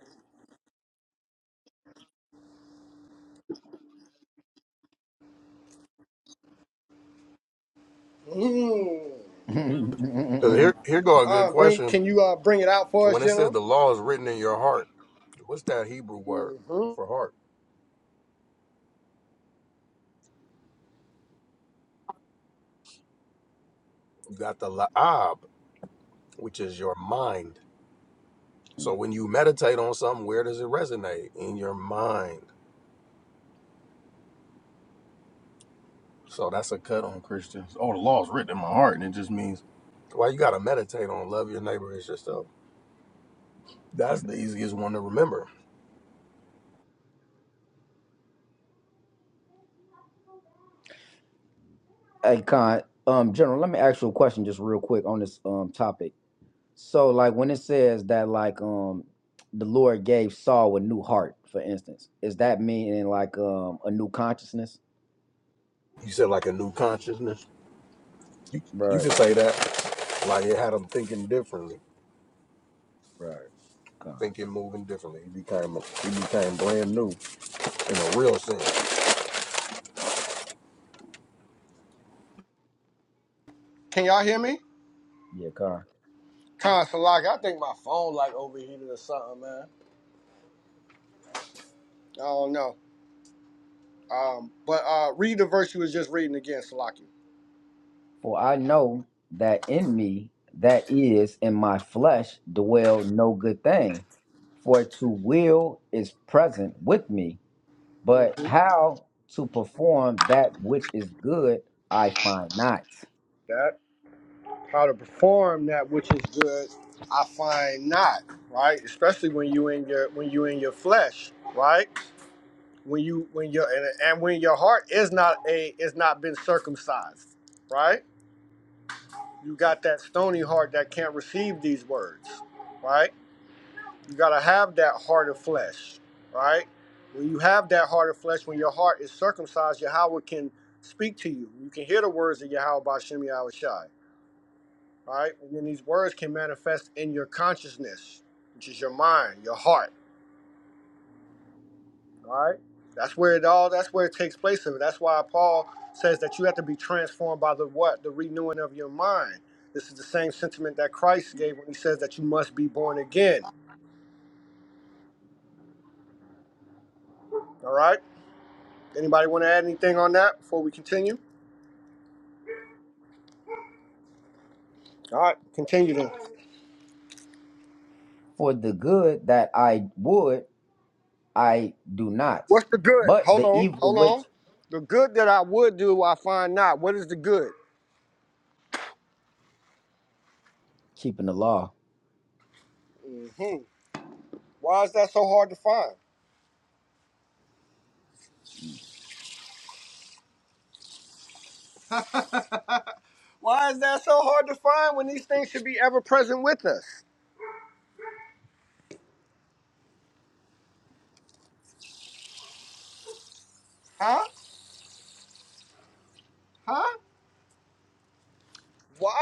Speaker 4: Mm.
Speaker 5: 'Cause here, here go a good
Speaker 4: Huh, bring
Speaker 5: question.
Speaker 4: can you uh bring it out for us,
Speaker 5: When it says
Speaker 4: General?
Speaker 5: the law is written in your heart, what's that Hebrew word
Speaker 4: hmm
Speaker 5: for heart? You got the la'ab, which is your mind. So when you meditate on something, where does it resonate? In your mind. So that's a cut on Christians. Oh, the law's written in my heart, and it just means why you gotta meditate on love your neighbor as yourself. That's the easiest one to remember.
Speaker 1: hey, Con. Um, General, let me ask you a question just real quick on this um topic. So like when it says that like um the Lord gave Saul a new heart, for instance, is that meaning like um a new consciousness?
Speaker 5: You said like a new consciousness. You you
Speaker 1: Right,
Speaker 5: can say that like it had him thinking differently,
Speaker 1: right. Car.
Speaker 5: thinking, moving differently. He became he became brand new in a real sense
Speaker 4: Can y'all hear me?
Speaker 1: Yeah, car.
Speaker 4: Consulate, I think my phone like overheated or something, man. I don't know. Um, but uh, read the verse you was just reading again, Salaki.
Speaker 1: For I know that in me, that is in my flesh, dwell no good thing. For to will is present with me, but
Speaker 4: hmm
Speaker 1: how to perform that which is good I find not.
Speaker 4: That how to perform that which is good, I find not right, especially when you in your when you in your flesh, right? When you when your and, and when your heart is not a is not been circumcised, right? You got that stony heart that can't receive these words, right? You gotta have that heart of flesh, right? When you have that heart of flesh, when your heart is circumcised, Yahweh can speak to you. You can hear the words of Yahweh by Shem Yahweh Shai, right? And then these words can manifest in your consciousness, which is your mind, your heart, right? That's where it all. That's where it takes place. Of it. That's why Paul says that you have to be transformed by the what? The renewing of your mind. This is the same sentiment that Christ gave when he says that you must be born again. All right. Anybody want to add anything on that before we continue? All right, continue then.
Speaker 1: For the good that I would I do not.
Speaker 4: What's the good?
Speaker 1: But
Speaker 4: Hold
Speaker 1: the
Speaker 4: on,
Speaker 1: evil
Speaker 4: hold
Speaker 1: which
Speaker 4: on. The good that I would do, I find not. What is the good?
Speaker 1: keeping the law
Speaker 4: hmm Why is that so hard to find? Why is that so hard to find when these things should be ever present with us? Huh? Huh?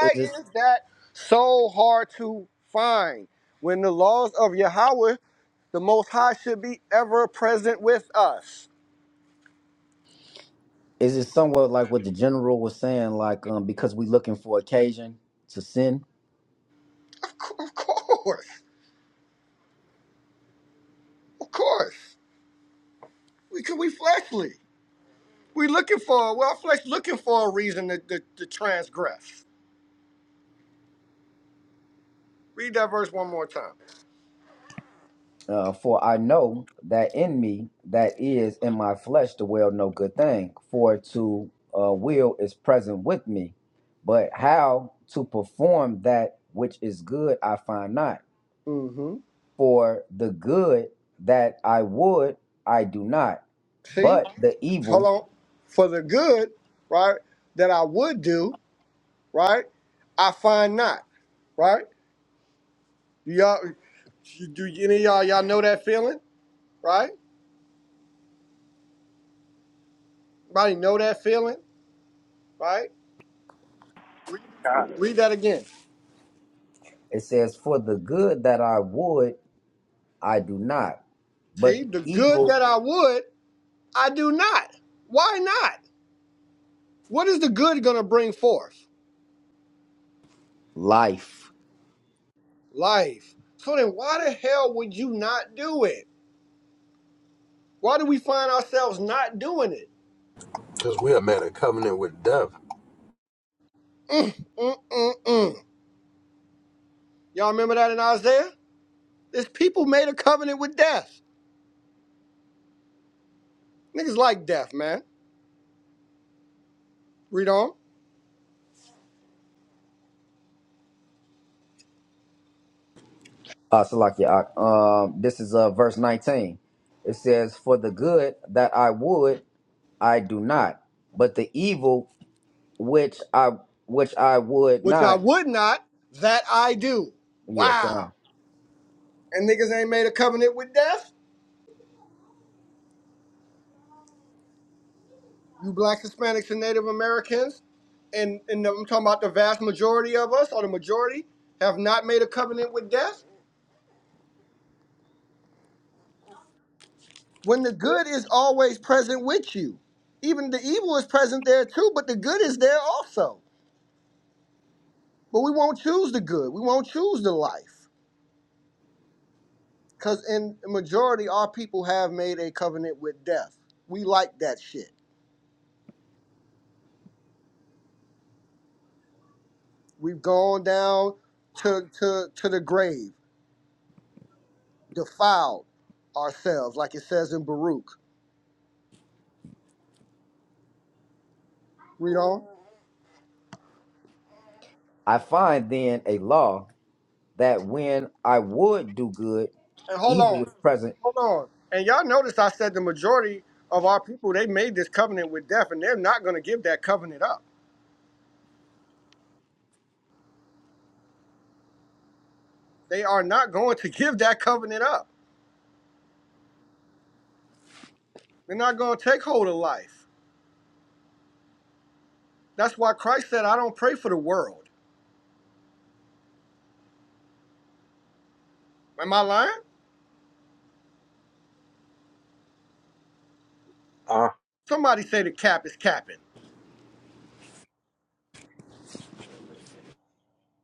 Speaker 1: is just
Speaker 4: is that so hard to find when the laws of Yahweh, the Most High, should be ever present with us?
Speaker 1: is it somewhat like what the general was saying, like um because we looking for occasion to sin.
Speaker 4: Of, cou- of course, of course. We can we fleshly. We looking for well, our flesh looking for a reason to, to, to transgress. Read that verse one more time.
Speaker 1: Uh, for I know that in me, that is in my flesh, to will no good thing. For to uh, will is present with me, but how to perform that which is good I find not.
Speaker 4: hmm
Speaker 1: For the good that I would I do not,
Speaker 4: See,
Speaker 1: but the
Speaker 4: hold
Speaker 1: evil
Speaker 4: on. For the good, right, that I would do, right, I find not, right. Do y'all, do any of y'all y'all know that feeling, right? Anybody know that feeling, right? Read that again.
Speaker 1: It says, For the good that I would, I do not, but
Speaker 4: See,
Speaker 1: the
Speaker 4: the good
Speaker 1: evil
Speaker 4: that I would, I do not. Why not? What is the good gonna bring forth?
Speaker 1: life.
Speaker 4: life. So then why the hell would you not do it? Why do we find ourselves not doing it?
Speaker 5: because we are made a covenant with death.
Speaker 4: Mm, mm, mm, mm. Y'all remember that in Isaiah? This people made a covenant with death. Niggas like death, man. Read on.
Speaker 1: Uh, Salakia, um, this is uh, verse 19. It says, For the good that I would, I do not, but the evil which I which I would
Speaker 4: Which I
Speaker 1: not,
Speaker 4: would not, that I do.
Speaker 1: yeah, come.
Speaker 4: Wow.
Speaker 1: on.
Speaker 4: And niggas ain't made a covenant with death? You black Hispanics and Native Americans, and, and I'm talking about the vast majority of us, or the majority, have not made a covenant with death? when the good is always present with you. Even the evil is present there too, but the good is there also. But we won't choose the good. We won't choose the life. Because in the majority, our people have made a covenant with death. We like that shit. We've gone down to, to, to the grave, defiled ourselves, like it says in Baruch. Read on.
Speaker 1: I find then a law that when I would do good,
Speaker 4: And hold
Speaker 1: evil
Speaker 4: on,
Speaker 1: is present.
Speaker 4: hold on. And y'all notice I said the majority of our people, they made this covenant with death, and they're not going to give that covenant up They are not going to give that covenant up. They're not going to take hold of life. That's why Christ said, I don't pray for the world. Am I lying?
Speaker 6: Ah,
Speaker 4: Somebody say the cap is capping.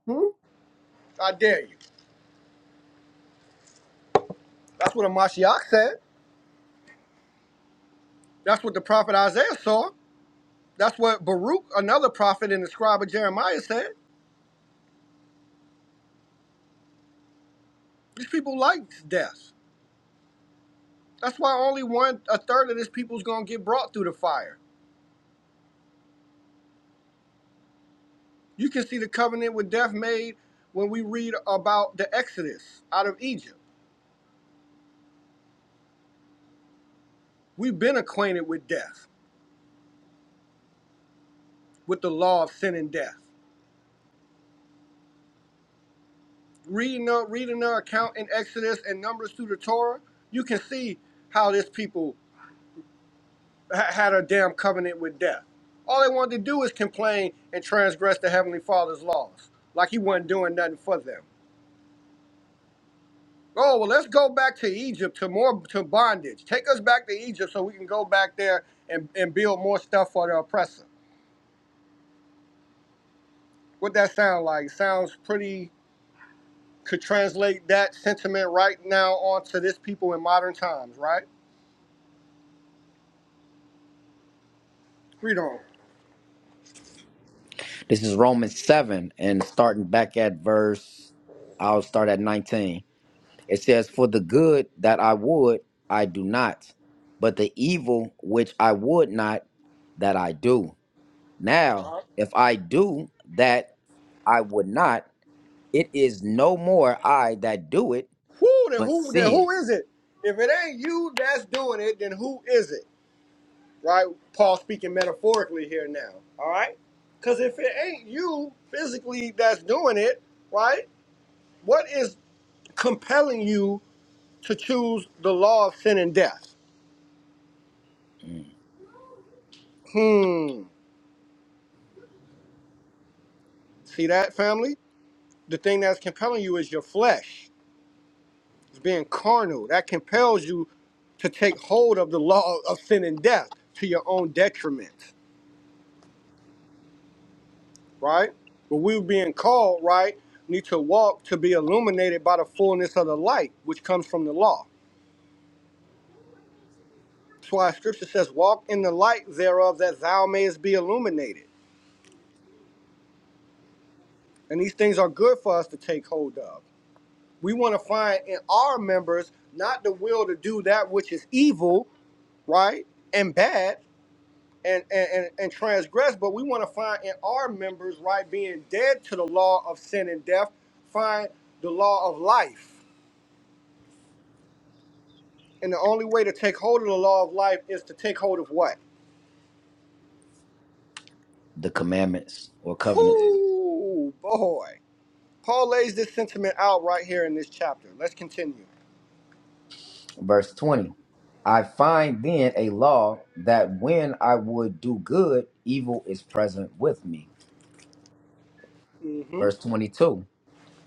Speaker 4: Hmm? I dare you. That's what a Amashiach said. That's what the prophet Isaiah saw. That's what Baruch, another prophet and the scribe of Jeremiah, said. These people like death. That's why only one a third of this people's gonna get brought through the fire. You can see the covenant with death made when we read about the Exodus out of Egypt. We've been acquainted with death. with the law of sin and death. Reading the reading the account in Exodus and Numbers through the Torah, you can see how this people ha- had a damn covenant with death. All they wanted to do is complain and transgress the Heavenly Father's laws, like He wasn't doing nothing for them. Oh well, let's go back to Egypt to more to bondage. Take us back to Egypt so we can go back there and, and build more stuff for the oppressor. What that sound like? Sounds pretty. Could translate that sentiment right now onto this people in modern times, right? Freedom.
Speaker 1: This is Romans 7, and starting back at verse, I'll start at 19. It says, For the good that I would, I do not, but the evil which I would not, that I do. Now,
Speaker 4: Uh-huh.
Speaker 1: if I do that I would not, it is no more I that do it,
Speaker 4: Who then
Speaker 1: but
Speaker 4: who then
Speaker 1: sin.
Speaker 4: who is it? If it ain't you that's doing it, then who is it? Right? Paul speaking metaphorically here now. All right? Cause if it ain't you physically that's doing it, right? What is compelling you to choose the law of sin and death?
Speaker 1: Mm,
Speaker 4: Hmm. See that family? The thing that's compelling you is your flesh. It's being carnal. That compels you to take hold of the law of sin and death to your own detriment. right? But we being called, right, need to walk to be illuminated by the fullness of the light, which comes from the law. That's why scripture says, Walk in the light thereof that thou mayest be illuminated. And these things are good for us to take hold of. We want to find in our members not the will to do that which is evil, right, and bad. And, and, and, and transgress, but we want to find in our members, right, being dead to the law of sin and death, find the law of life And the only way to take hold of the law of life is to take hold of what?
Speaker 1: The commandments or covenant.
Speaker 6: command.
Speaker 4: Whoo, boy. Paul lays this sentiment out right here in this chapter. Let's continue.
Speaker 1: Verse 20 I find then a law that when I would do good, evil is present with me.
Speaker 4: hmm
Speaker 1: Verse 22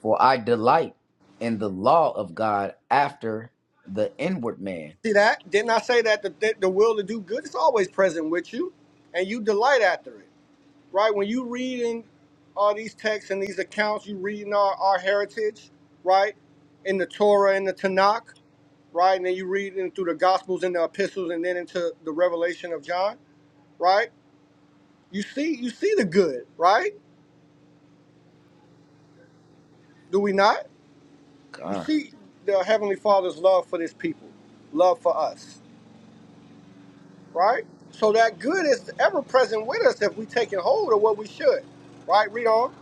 Speaker 1: For I delight in the law of God after the inward man.
Speaker 4: See that? Didn't I say that the, the, the will to do good is always present with you and you delight after it, right? When you read in all these texts and these accounts, you reading our, our heritage, right? In the Torah and the Tanakh, right? And then you read in through the Gospels and the epistles and then into the revelation of John, right? You see, you see the good, right? Do we not? We
Speaker 1: God.
Speaker 4: see the Heavenly Father's love for His people, love for us, right? So that good is ever present with us if we take hold of what we should, right? Read on.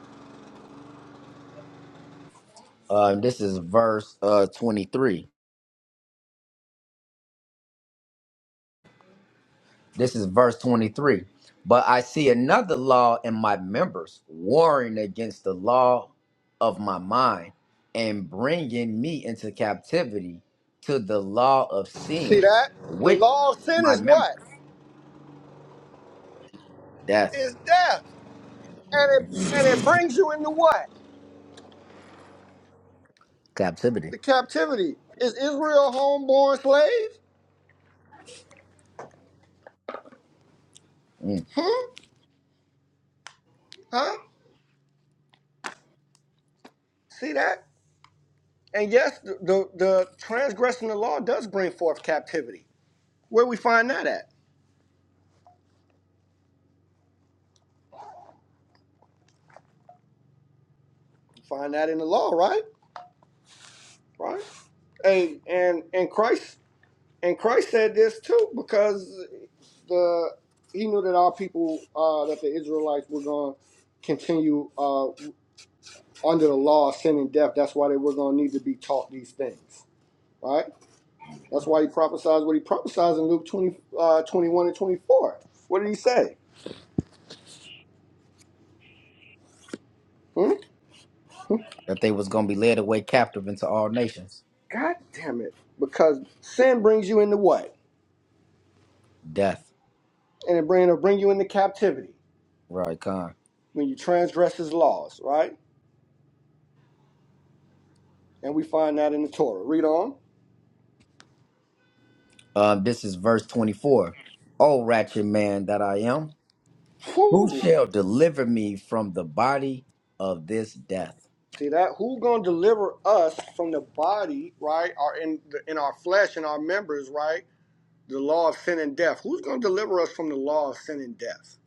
Speaker 1: Uh, this is verse uh, 23. This is verse 23. But I see another law in my members, warring against the law of my mind and bringing me into captivity to the law of
Speaker 4: See
Speaker 1: sin,
Speaker 4: that the
Speaker 1: which
Speaker 4: law of
Speaker 1: is
Speaker 4: sin
Speaker 1: my
Speaker 4: is
Speaker 1: member.
Speaker 4: what
Speaker 1: Death,
Speaker 4: is death, and it and it brings you into what
Speaker 1: captivity.
Speaker 4: the captivity. Is Israel a homeborn slave?
Speaker 1: Mm.
Speaker 4: Hmm? Huh? See that? And yes, the, the the transgression of the law does bring forth captivity. Where we find that at? Find that in the law, right? Right. And and and Christ and Christ said this too because the he knew that our people uh, that the Israelites were going to continue uh, under the law of sin and death. That's why they were going to need to be taught these things, right? That's why he prophesies what he prophesies in Luke 20, uh, 21 and 24. What did he say? Hmm?
Speaker 1: That they was going to be led away captive into all nations.
Speaker 4: God damn it. Because sin brings you into what?
Speaker 1: Death.
Speaker 4: And it bring, it'll bring you into captivity
Speaker 1: Right, Con.
Speaker 4: when you transgress his laws, right? and we find that in the Torah. Read on.
Speaker 1: Um, this is verse 24. O wretched man that I am, who
Speaker 4: Who?
Speaker 1: shall deliver me from the body of this death?
Speaker 4: See that? Who gonna deliver us from the body, right? Or in the, in our flesh and our members, right? The law of sin and death. Who's gonna deliver us from the law of sin and death?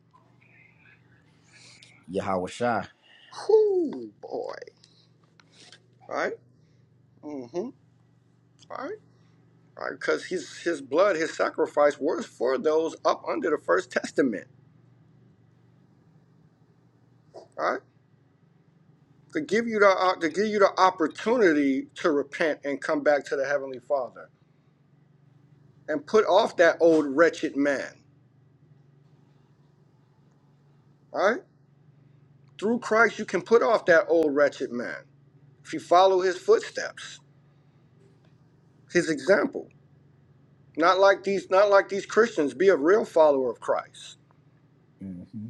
Speaker 1: Yahweh Shai.
Speaker 4: Who, boy? All Right? Mm-hmm. All Right? All Right? Because his his blood, his sacrifice, was for those up under the first testament. All Right? To give you the uh, to give you the opportunity to repent and come back to the heavenly Father and put off that old wretched man. All Right? Through Christ, you can put off that old wretched man if you follow his footsteps, his example. Not like these, not like these Christians. Be a real follower of Christ,
Speaker 1: Mm-hmm.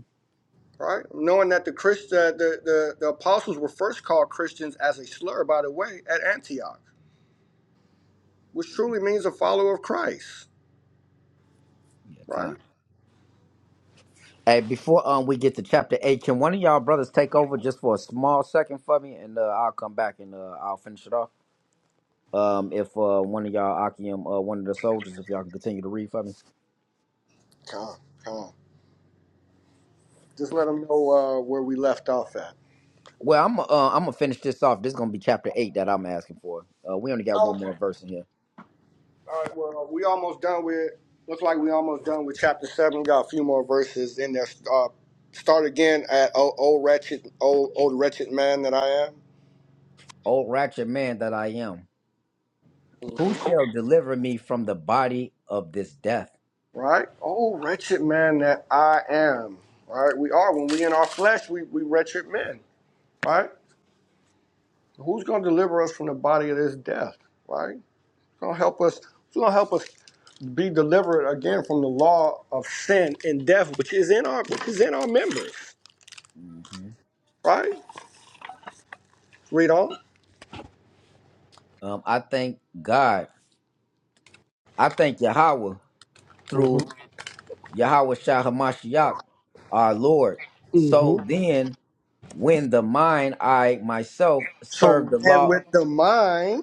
Speaker 4: right? Knowing that the Christ, that the, the the apostles were first called Christians as a slur, by the way, at Antioch, which truly means a follower of Christ,
Speaker 1: Yakan.
Speaker 4: right?
Speaker 1: Hey, before um we get to chapter eight, can one of y'all brothers take over just for a small second for me, and uh, I'll come back and uh, I'll finish it off. Um, if uh, one of y'all Akium, uh, one of the soldiers, if y'all can continue to read for me.
Speaker 4: Come on, come on. Just let them know uh, where we left off at.
Speaker 1: Well, I'm uh, I'm gonna finish this off. This is gonna be chapter eight that I'm asking for. Uh, we only got one
Speaker 4: Okay.
Speaker 1: more verse in here.
Speaker 4: All right, well, we almost done with. Looks like we almost done with chapter seven. We got a few more verses in there. Uh, start again at oh, oh wretched, oh, oh wretched man that I am.
Speaker 1: O ratchet man that I am. Who shall deliver me from the body of this death?
Speaker 4: Right, oh wretched man that I am. Right, we are when we in our flesh, we we wretched men. Right, who's gonna deliver us from the body of this death? Right, Who's gonna help us. Who's gonna help us be delivered again from the law of sin and death, which is in our which is in our members.
Speaker 1: hmm
Speaker 4: Right, read on.
Speaker 1: Um, I thank God. I thank Yahweh through
Speaker 4: Mm-hmm.
Speaker 1: Yahweh Shah Hamashiach, our Lord. So then, when the mind I myself serve
Speaker 4: So
Speaker 1: the
Speaker 4: then
Speaker 1: law,
Speaker 4: with the mind,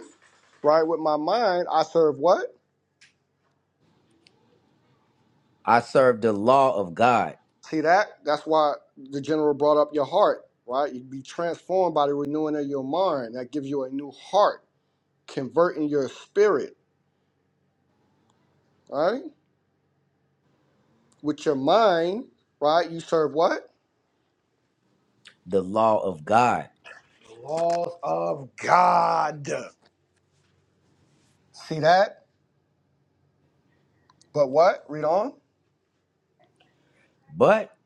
Speaker 4: right, with my mind, I serve what?
Speaker 1: I serve the law of God,
Speaker 4: See that? That's why the general brought up your heart, right? You'd be transformed by the renewing of your mind. That gives you a new heart, converting your spirit, right? With your mind, right, you serve what?
Speaker 1: the law of God.
Speaker 4: Laws of God. See that? But what? Read on.
Speaker 1: But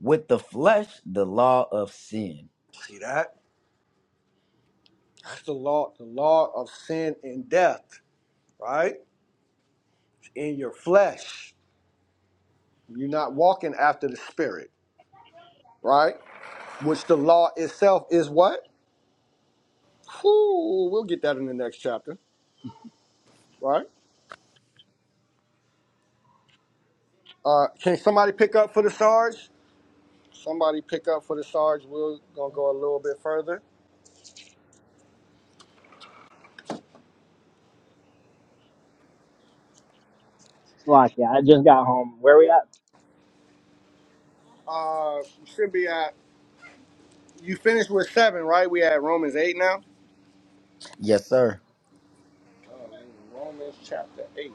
Speaker 1: with the flesh, the law of sin.
Speaker 4: See that? That's the law, the law of sin and death, right? In your flesh. You're not walking after the spirit. right? Which the law itself is what? Whew, we'll get that in the next chapter, right? Uh, can somebody pick up for the Sarge? Somebody pick up for the Sarge. We're gonna go a little bit further.
Speaker 3: It's like, yeah, I just got home. Where we at?
Speaker 4: Uh, you should be at. You finished with seven, right? We at Romans eight now.
Speaker 1: Yes, sir.
Speaker 4: Uh, Romans chapter eight.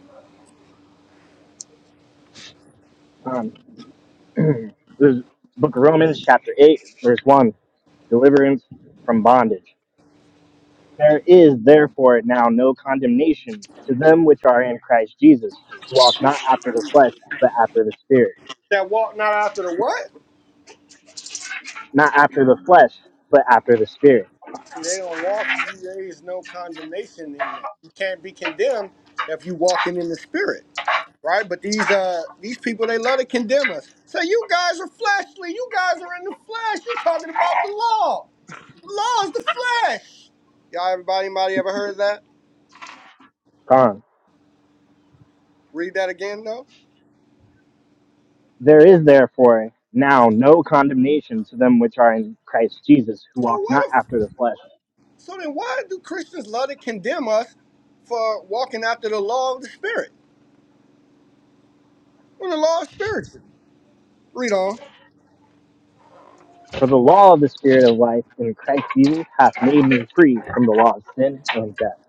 Speaker 3: Um, this is Book of Romans, chapter 8, verse 1. Deliverance from bondage. There is therefore now no condemnation to them which are in Christ Jesus, who walk not after the flesh, but after the Spirit.
Speaker 4: That walk not after the what?
Speaker 3: Not after the flesh, but after the Spirit.
Speaker 4: See, they don't walk. There is no condemnation in that. You can't be condemned if you walking in the Spirit. right? But these uh these people they love to condemn us. Say you guys are fleshly, you guys are in the flesh. You're talking about the law. The law is the flesh. Y'all, everybody, anybody ever heard that?
Speaker 3: Gone.
Speaker 4: Read that again though.
Speaker 3: There is therefore now no condemnation to them which are in Christ Jesus, who
Speaker 4: So
Speaker 3: walk
Speaker 4: what
Speaker 3: not
Speaker 4: if?
Speaker 3: after the flesh.
Speaker 4: So then, why do Christians love to condemn us for walking after the law of the spirit? Well, the law is spiritual. Read on.
Speaker 3: For the law of the Spirit of life in Christ Jesus hath made me free from the law of sin and death.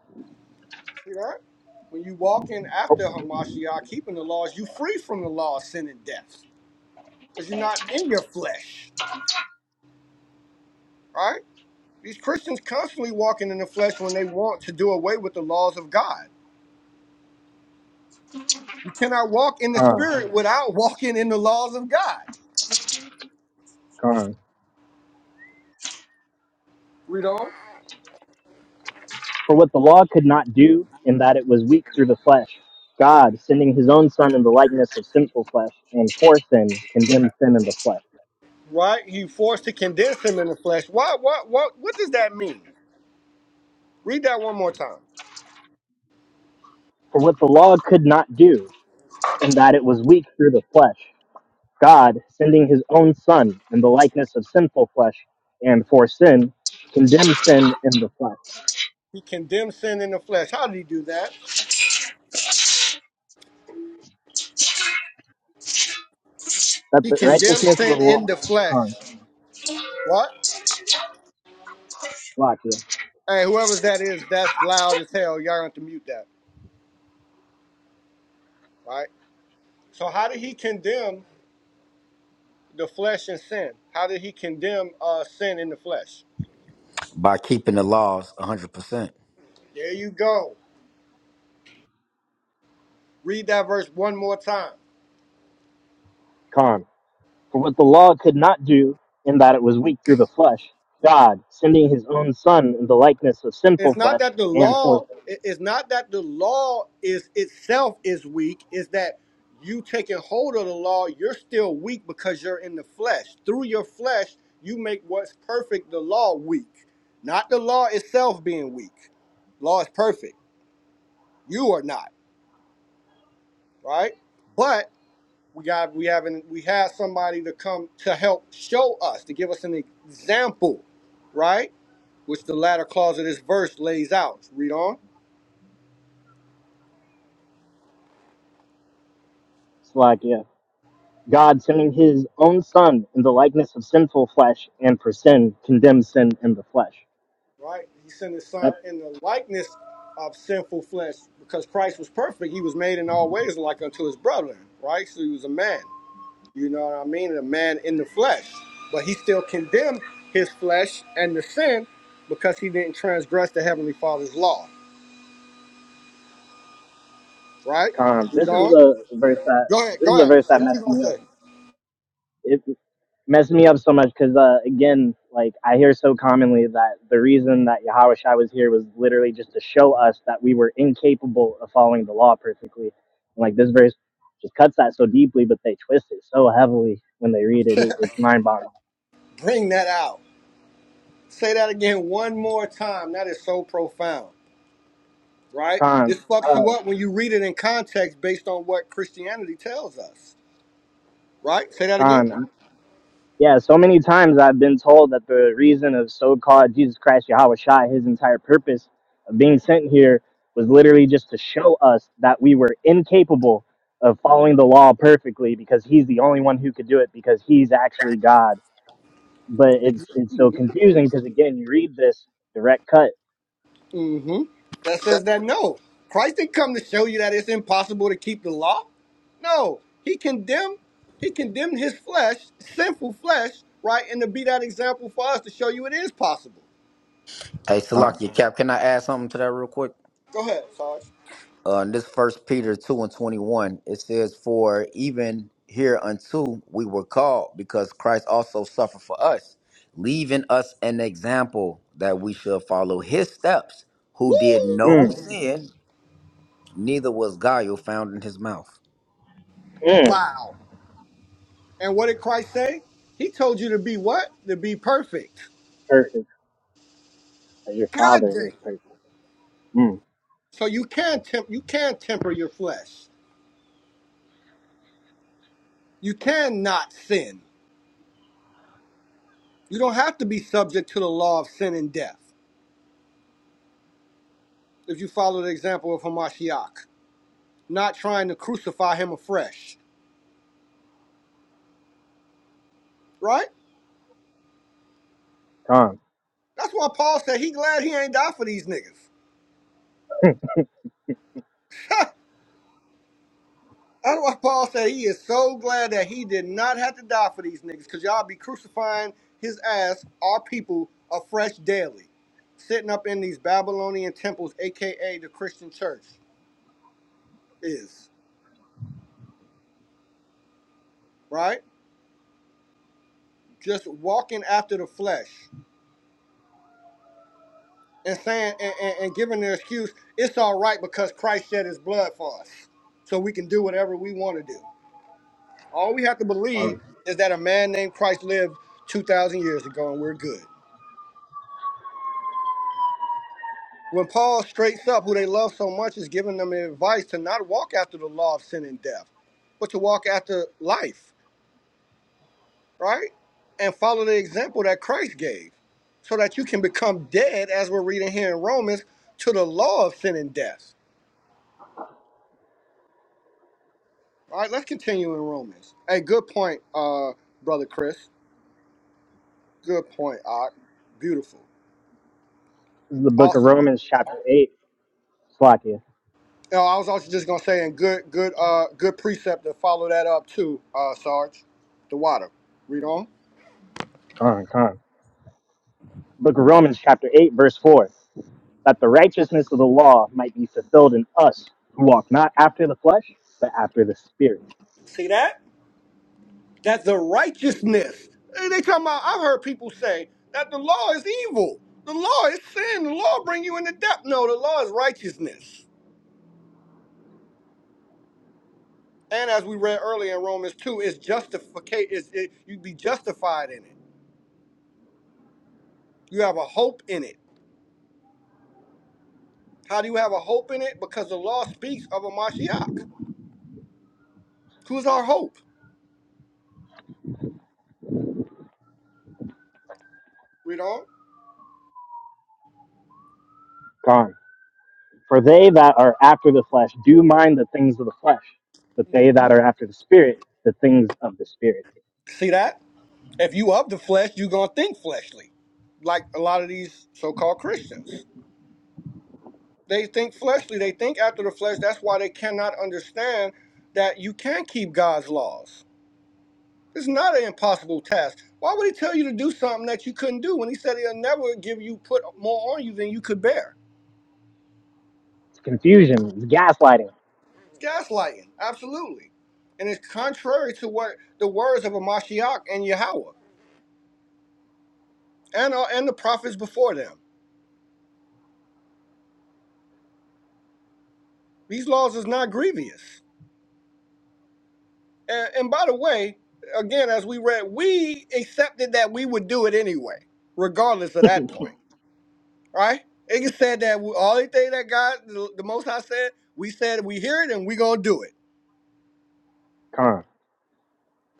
Speaker 4: See that? When you walk in after Hamashiach, keeping the laws, you free from the law of sin and death, because you're not in your flesh, right? These Christians constantly walking in the flesh when they want to do away with the laws of God. You cannot walk in the
Speaker 3: Gone.
Speaker 4: spirit without walking in the laws of God.
Speaker 3: Gone.
Speaker 4: Read on.
Speaker 3: For what the law could not do, in that it was weak through the flesh, God, sending his own Son in the likeness of sinful flesh, and for sin, condemned sin in the flesh.
Speaker 4: Right? You forced to condense him in the flesh. What what what what does that mean? Read that one more time.
Speaker 3: For what the law could not do, in that it was weak through the flesh, God, sending his own Son in the likeness of sinful flesh, and for sin, condemned sin in the flesh.
Speaker 4: He condemned sin in the flesh. How did he do that?
Speaker 3: That
Speaker 4: He
Speaker 3: the
Speaker 4: condemned
Speaker 3: righteousness of
Speaker 4: sin
Speaker 3: the
Speaker 4: in
Speaker 3: law.
Speaker 4: the
Speaker 3: Con.
Speaker 4: flesh. What?
Speaker 3: Lock,
Speaker 4: Hey, whoever's that is, that's loud as hell. Y'all have to mute that. Right? So how did he condemn the flesh and sin? How did he condemn uh, sin in the flesh?
Speaker 1: By keeping the laws 100%.
Speaker 4: There you go. Read that verse one more time.
Speaker 3: yeah. For what the law could not do, in that it was weak through the flesh, God, sending his own Son in the likeness of
Speaker 4: It's
Speaker 3: sinful
Speaker 4: not
Speaker 3: flesh,
Speaker 4: that the
Speaker 3: and for
Speaker 4: law it's not that the law is itself is weak, it's that you taking hold of the law, you're still weak because you're in the flesh. Through your flesh, you make what's perfect the law weak. Not the law itself being weak. Law is perfect. You are not, right? But we got we haven't we have somebody to come to help show us, to give us an example, right? which the latter clause of this verse lays out. Read on.
Speaker 3: Slovakia, God sending his own Son in the likeness of sinful flesh, and for sin, condemns sin in the flesh.
Speaker 4: Right? He sent his son
Speaker 3: That's
Speaker 4: in the likeness of sinful flesh because Christ was perfect. He was made in all ways like unto his brethren, right? So he was a man. You know what I mean? a man in the flesh. But he still condemned his flesh and the sin because he didn't transgress the heavenly father's law. Right?
Speaker 3: con.
Speaker 4: Read
Speaker 3: This is
Speaker 4: on.
Speaker 3: the verse that
Speaker 4: Go ahead,
Speaker 3: this is
Speaker 4: go
Speaker 3: the
Speaker 4: ahead.
Speaker 3: verse
Speaker 4: Say
Speaker 3: that
Speaker 4: What you
Speaker 3: messed
Speaker 4: gonna
Speaker 3: me
Speaker 4: say?
Speaker 3: up. It, messed me up so much because uh, again, like I hear so commonly that the reason that Yahushua was here was literally just to show us that we were incapable of following the law perfectly. And, like this verse just cuts that so deeply, but they twist it so heavily when they read it. it it's mind boggling.
Speaker 4: Bring that out. Say that again one more time. That is so profound. right?
Speaker 3: Con,
Speaker 4: This fucks you
Speaker 3: uh,
Speaker 4: up when you read it in context based on what Christianity tells us, right? Say that again.
Speaker 3: Con. Yeah, so many times I've been told that the reason of so called Jesus Christ Yahweh Shai, his entire purpose of being sent here was literally just to show us that we were incapable of following the law perfectly because he's the only one who could do it because he's actually God. But it's it's so confusing because again you read this direct cut.
Speaker 4: Mm-hmm. That says that no, Christ didn't come to show you that it's impossible to keep the law. No, he condemned, he condemned his flesh, sinful flesh, right, and to be that example for us to show you it is possible.
Speaker 1: Hey,
Speaker 3: Con.
Speaker 1: Salakia Cap, can I add something to that real quick?
Speaker 4: Go ahead, Sarge.
Speaker 1: uh, in this first peter 2 and 21 it says for even hereunto we were called because christ also suffered for us leaving us an example that we should follow his steps who did
Speaker 4: Woo!
Speaker 1: no
Speaker 3: Mm,
Speaker 1: sin neither was guile found in his mouth
Speaker 3: mm,
Speaker 4: Wow. And what did Christ say? He told you to be what? To be perfect.
Speaker 3: perfect. As your
Speaker 4: God
Speaker 3: father
Speaker 4: dang.
Speaker 3: is perfect. Mm,
Speaker 4: So you can temp- you can temper your flesh. You cannot sin. You don't have to be subject to the law of sin and death. If you follow the example of Hamashiach, not trying to crucify him afresh, right?
Speaker 3: con.
Speaker 4: That's why Paul said he glad he ain't die for these niggas. That's why Paul said he is so glad that he did not have to die for these niggas, cause y'all be crucifying his ass, our people, afresh daily, sitting up in these Babylonian temples, aka the Christian church, is right. Just walking after the flesh and saying and, and, and giving the excuse it's all right because Christ shed his blood for us. So we can do whatever we want to do. All we have to believe
Speaker 3: Con.
Speaker 4: is that a man named Christ lived 2,000 years ago and we're good. When Paul straights up who they love so much is giving them advice to not walk after the law of sin and death, but to walk after life, right? And follow the example that Christ gave so that you can become dead, as we're reading here in Romans, to the law of sin and death All right, let's continue in Romans. Hey, good point, uh, brother Chris. Good point, Ock. Beautiful.
Speaker 3: This is the book of
Speaker 4: Also, you
Speaker 3: Romans chapter eight. Slakia.
Speaker 4: know, I was also just gonna say, and good, good, uh, good precept to follow that up too, uh, Sarge. The water. Read on.
Speaker 3: Con, con. Book of Romans, chapter 8, verse 4, that the righteousness of the law might be fulfilled in us who walk not after the flesh, but after the Spirit.
Speaker 4: See that? That's the righteousness. Hey, They talking about. I've heard people say that the law is evil. The law is sin. The law bring you into death. No, the law is righteousness. And as we read earlier in Romans two, it's justification. It, you'd be justified in it. You have a hope in it. How do you have a hope in it? Because the law speaks of a Mashiach. Who's our hope? Read on.
Speaker 3: Gone. For they that are after the flesh do mind the things of the flesh, but they that are after the Spirit, the things of the Spirit.
Speaker 4: See that? If you of the flesh, you're gonna think fleshly. Like a lot of these so-called Christians. They think fleshly, they think after the flesh, that's why they cannot understand that you can keep God's laws. It's not an impossible task. Why would he tell you to do something that you couldn't do when he said he'll never give you put more on you than you could bear?
Speaker 3: It's confusion, it's gaslighting.
Speaker 4: Gaslighting, absolutely. And it's contrary to what the words of a Mashiach and Yahweh and, uh, and the prophets before them. These laws is not grievous. And, and by the way, again, as we read, we accepted that we would do it anyway, regardless of that point, right? It just said that we, all the thing that God, the, the Most High said, we said we hear it and we going to do it.
Speaker 3: Gone.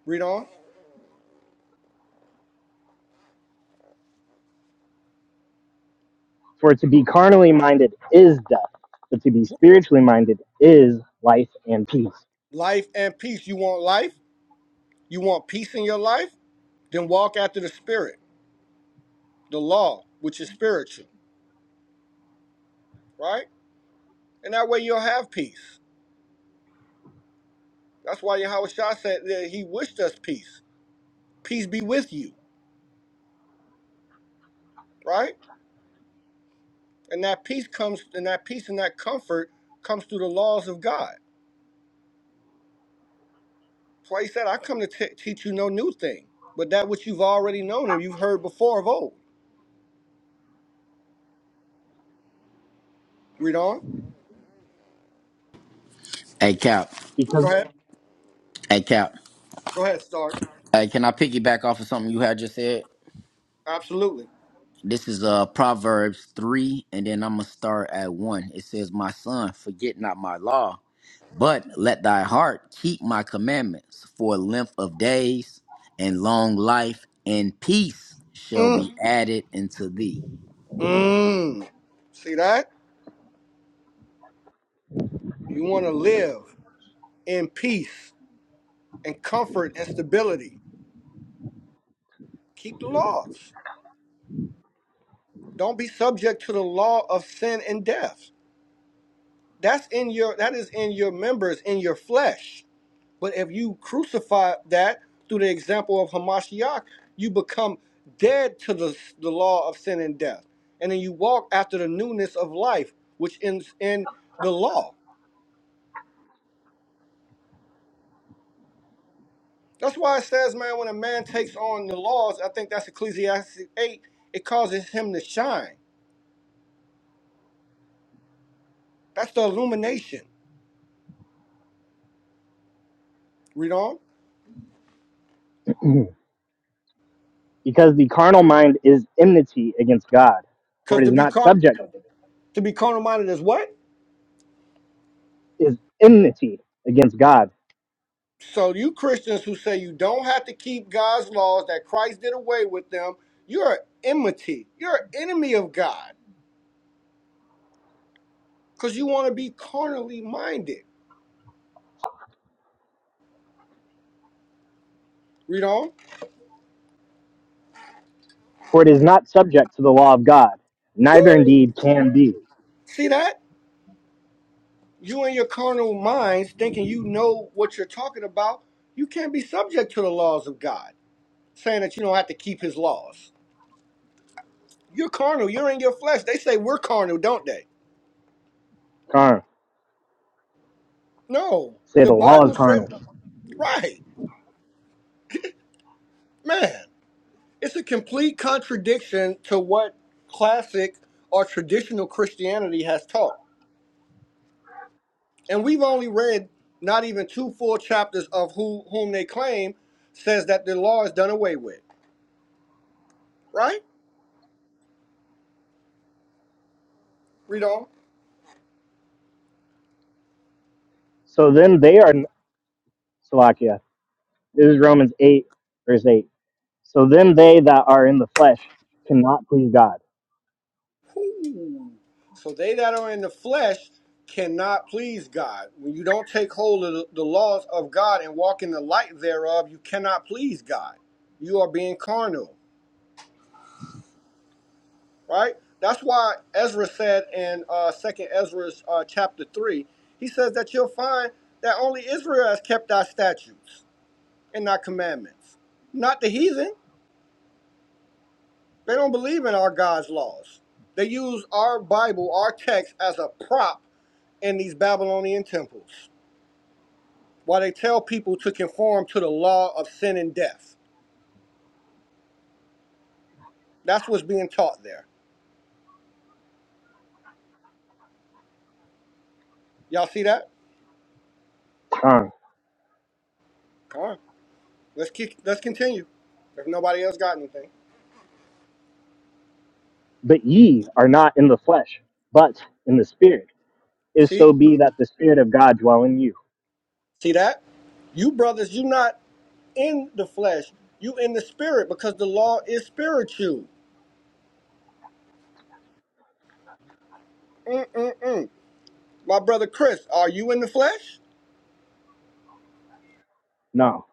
Speaker 4: Read on.
Speaker 3: For to be carnally minded is death, but to be spiritually minded is life and peace.
Speaker 4: Life and peace. You want life? You want peace in your life? Then walk after the Spirit, the law, which is spiritual. right? And that way you'll have peace. That's why Yahweh Shah said that he wished us peace. Peace be with you, right? And that peace comes, and that peace and that comfort comes through the laws of God. So he said, I come to t- teach you no new thing, but that which you've already known and you've heard before of old. Read on.
Speaker 1: hey cap
Speaker 4: Go
Speaker 3: Because
Speaker 4: ahead.
Speaker 1: hey cap
Speaker 4: Go ahead, Starch.
Speaker 1: hey can i piggyback off of something you had just said
Speaker 4: Absolutely.
Speaker 1: this is uh proverbs 3 and then i'm gonna start at 1 it says my son forget not my law But let thy heart keep my commandments for length of days and long life and peace shall
Speaker 4: Mm.
Speaker 1: be added unto thee.
Speaker 4: Mm. See that? You want to live in peace and comfort and stability. Keep the laws. Don't be subject to the law of sin and death. That's in your that is in your members, in your flesh. But if you crucify that through the example of Hamashiach, you become dead to the, the law of sin and death. And then you walk after the newness of life, which ends in the law. That's why it says, man, when a man takes on the laws, I think that's Ecclesiastes 8, it causes him to shine. That's the illumination. Read on.
Speaker 3: because the carnal mind is enmity against God, for it
Speaker 4: Because
Speaker 3: is
Speaker 4: to be
Speaker 3: not
Speaker 4: con
Speaker 3: subject.
Speaker 4: to be carnal minded is what?
Speaker 3: is enmity against God,
Speaker 4: So you Christians who say you don't have to keep God's laws that Christ did away with them, you're an enmity. You're an enemy of God because you want to be carnally minded. Read on.
Speaker 3: for it is not subject to the law of God, neither
Speaker 4: Woo!
Speaker 3: indeed can be.
Speaker 4: See that? You and your carnal minds thinking you know what you're talking about. You can't be subject to the laws of God, saying that you don't have to keep His laws. You're carnal. You're in your flesh. They say we're carnal, don't they?
Speaker 3: Carnal.
Speaker 4: No,
Speaker 3: Say
Speaker 4: the
Speaker 3: the law is
Speaker 4: Bible said
Speaker 3: carnal.
Speaker 4: right, man. It's a complete contradiction to what classic or traditional Christianity has taught. And we've only read not even two full chapters of who whom they claim says that the law is done away with. Right? Read on.
Speaker 3: So then they are Salakia. This is Romans eight, verse eight. So then they that are in the flesh cannot please God.
Speaker 4: Ooh. So they that are in the flesh cannot please God. When you don't take hold of the the laws of God and walk in the light thereof, you cannot please God. You are being carnal. right? That's why Ezra said in uh, Second Ezra uh, chapter three, he says that you'll find that only Israel has kept our statutes and our commandments, not the heathen. They don't believe in our God's laws. They use our Bible, our text, as a prop in these Babylonian temples, while they tell people to conform to the law of sin and death. That's what's being taught there. Y'all see that?
Speaker 3: Carnal.
Speaker 4: Come on, let's keep, let's continue. If nobody else got anything,
Speaker 3: But ye are not in the flesh, but in the spirit. If
Speaker 4: see.
Speaker 3: so be that the spirit of God dwell in you.
Speaker 4: See that? You brothers, you not in the flesh. You in the spirit because the law is spiritual. My brother Chris, are you in the flesh?
Speaker 3: No.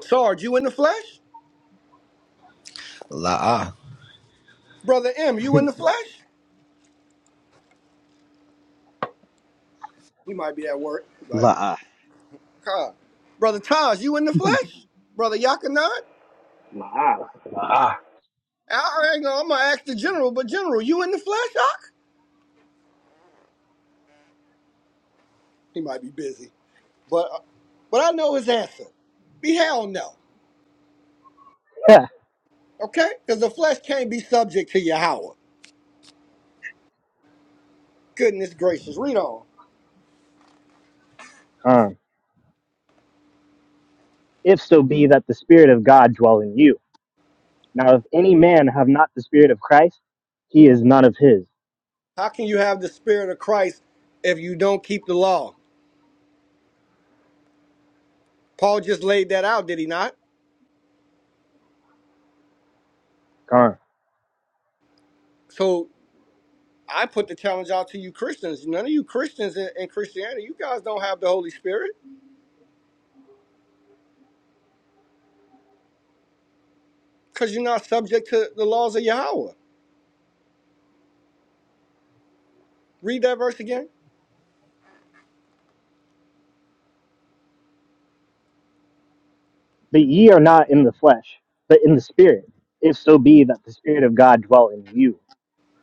Speaker 4: Sarge, you in the flesh?
Speaker 1: Laa,
Speaker 4: Brother M, you in the flesh? He might be at work, but
Speaker 2: La'a.
Speaker 4: God. Brother Taj, you in the flesh? Brother Yakanan?
Speaker 7: Wow.
Speaker 6: La, ah,
Speaker 4: I I ain't gonna, I'm gonna ask the general, but general, you in the flesh, Ak? He might be busy, but uh, but I know his answer. Be hell no, okay? Because the flesh can't be subject to Yahweh. Goodness gracious, read on.
Speaker 3: Carnal. If so be that the spirit of God dwell in you. Now, if any man have not the Spirit of Christ, he is not of his.
Speaker 4: How can you have the spirit of Christ if you don't keep the law? Paul just laid that out, did he not? So I put the challenge out to you Christians. None of you Christians in, in Christianity, you guys don't have the Holy Spirit because you're not subject to the laws of Yahweh. Read that verse again.
Speaker 3: But ye are not in the flesh, but in the Spirit, if so be that the Spirit of God dwell in you.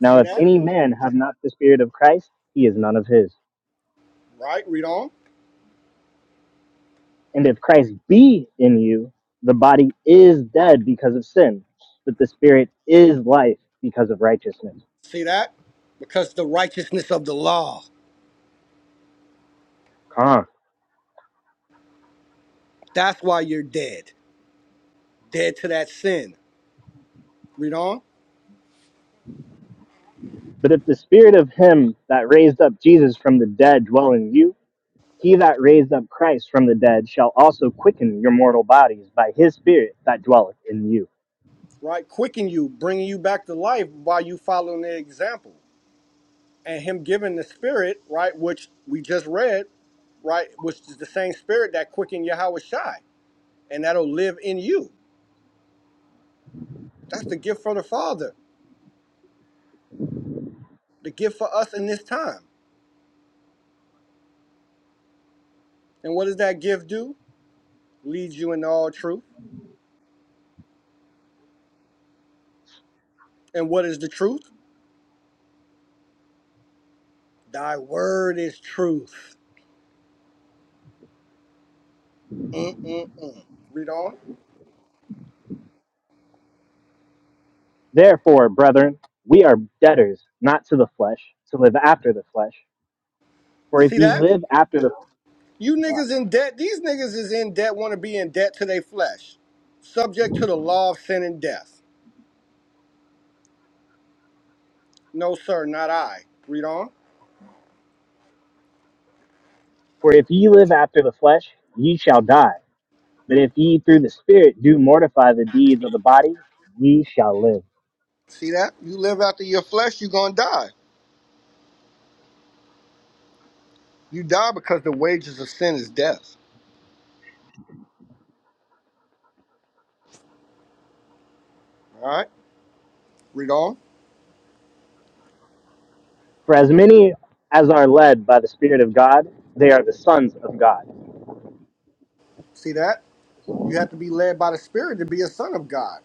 Speaker 3: Now, if
Speaker 4: that?
Speaker 3: any man have not the Spirit of Christ, he is none of his.
Speaker 4: Right, read on.
Speaker 3: And if Christ be in you, the body is dead because of sin, but the Spirit is life because of righteousness.
Speaker 4: See that? Because the righteousness of the law. That's why you're dead. Dead to that sin. Read on.
Speaker 3: But if the Spirit of him that raised up Jesus from the dead dwell in you, He that raised up Christ from the dead shall also quicken your mortal bodies by his Spirit that dwelleth in you.
Speaker 4: Right? Quicken you, bringing you back to life while you following their example. and him giving the spirit, right, which we just read, right, which is the same spirit that quickened Yahweh Shai, and that'll live in you. That's the gift from the Father, the gift for us in this time. And what does that gift do? Leads you into all truth. And what is the truth? Thy word is truth. Mm-mm-mm. Read on.
Speaker 3: Therefore, brethren, we are debtors, not to the flesh, to live after the flesh. For if
Speaker 4: See
Speaker 3: ye
Speaker 4: that?
Speaker 3: live after the
Speaker 4: You
Speaker 3: flesh,
Speaker 4: niggas in debt. These niggas is in debt, want to be in debt to their flesh, subject to the law of sin and death. No, sir, not I. Read on.
Speaker 3: for if ye live after the flesh, ye shall die. But if ye through the Spirit do mortify the deeds of the body, ye shall live.
Speaker 4: See that? You live after your flesh, you're going to die. You die because the wages of sin is death. All right? Read on.
Speaker 3: For as many as are led by the Spirit of God, they are the sons of God.
Speaker 4: See that? You have to be led by the Spirit to be a son of God.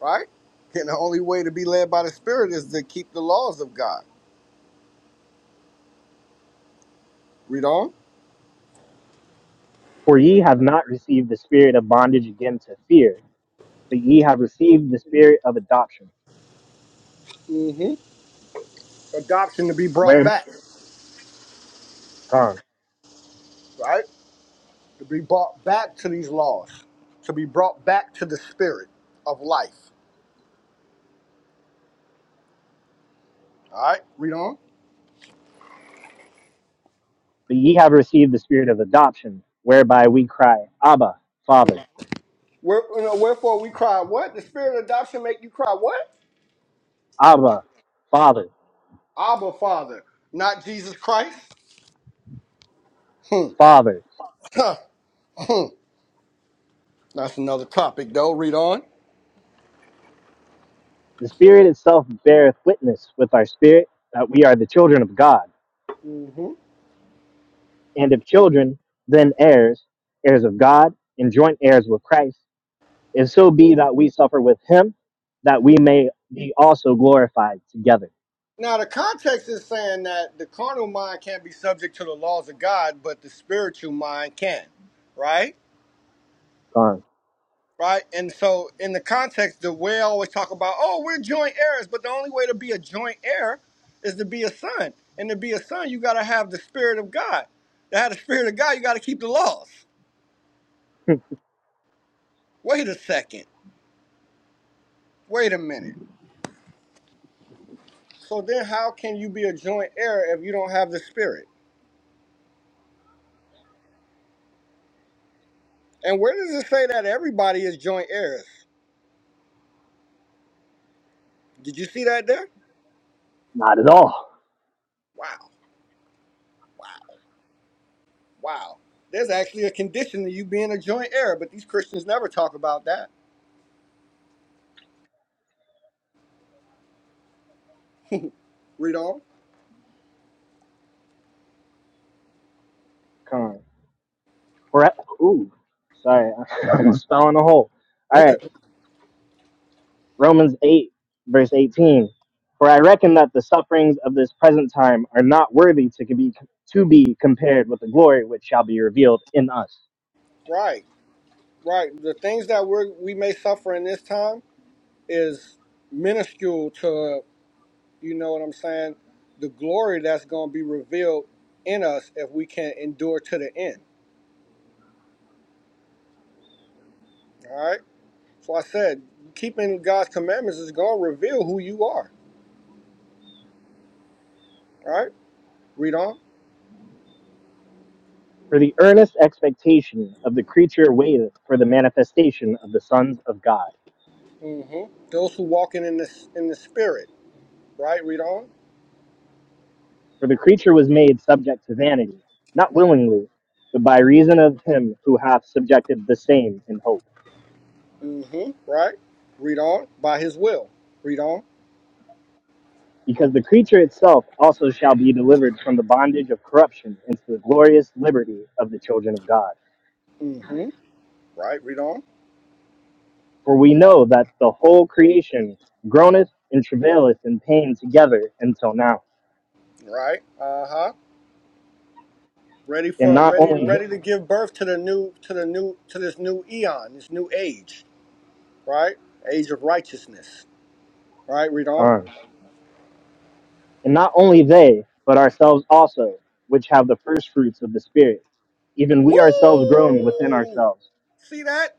Speaker 4: Right? And the only way to be led by the Spirit is to keep the laws of God. Read on.
Speaker 3: For ye have not received the spirit of bondage again to fear But ye have received the spirit of adoption,
Speaker 4: hmm Adoption to be brought
Speaker 3: where
Speaker 4: back.
Speaker 3: gone.
Speaker 4: Right? To be brought back to these laws. To be brought back to the Spirit of life. All right? Read on.
Speaker 3: But ye have received the spirit of adoption, whereby we cry, Abba, Father,
Speaker 4: Where, you know, wherefore we cry, what? The Spirit of adoption make you cry, what?
Speaker 3: Abba, Father,
Speaker 4: Abba Father, not Jesus Christ.
Speaker 3: Father.
Speaker 4: Huh, that's another topic though. Read on.
Speaker 3: The Spirit itself beareth witness with our spirit that we are the children of God.
Speaker 4: hmm
Speaker 3: And if children, then heirs, heirs of God, and joint heirs with Christ, if so be that we suffer with him, that we may be also glorified together.
Speaker 4: Now, the context is saying that the carnal mind can't be subject to the laws of God, but the spiritual mind can, right?
Speaker 3: Gone.
Speaker 4: Right? And so, in the context, the way I always talk about, oh, we're joint heirs, but the only way to be a joint heir is to be a son. And to be a son, you got to have the spirit of God. To have the spirit of God, you got to keep the laws. Wait a second. Wait a minute So then, how can you be a joint heir if you don't have the spirit? And where does it say that everybody is joint heirs? Did you see that there?
Speaker 3: Not at all.
Speaker 4: Wow, wow. There's actually a condition to you being a joint heir, but these Christians never talk about that. Read on.
Speaker 3: Gone. Pre- Ooh, sorry, I'm spelling a hole. All right, Romans 8, verse 18. For I reckon that the sufferings of this present time are not worthy to be to be compared with the glory which shall be revealed in us.
Speaker 4: Right, right. The things that we we may suffer in this time is minuscule to you know what I'm saying. The glory that's going to be revealed in us if we can endure to the end. All right. So I said, keeping God's commandments is going to reveal who you are. Right? Read on.
Speaker 3: For the earnest expectation of the creature waiteth for the manifestation of the sons of God.
Speaker 4: hmm Those who walking in the in the spirit. Right? Read on.
Speaker 3: For the creature was made subject to vanity, not willingly, but by reason of him who hath subjected the same in hope.
Speaker 4: hmm Right? Read on. By His will. Read on.
Speaker 3: Because the creature itself also shall be delivered from the bondage of corruption into the glorious liberty of the children of God.
Speaker 4: hmm Right? Read on.
Speaker 3: For we know that the whole creation groaneth and travaileth in pain together until now.
Speaker 4: Right? Uh huh. Ready
Speaker 3: And
Speaker 4: for
Speaker 3: not
Speaker 4: ready
Speaker 3: only
Speaker 4: ready to give birth to the new to the new to this new eon, this new age. Right? Age of righteousness. Right? Read on.
Speaker 3: um, and not only they, but ourselves also, which have the first fruits of the Spirit, even we ourselves groan within
Speaker 4: Woo!
Speaker 3: ourselves,
Speaker 4: See that?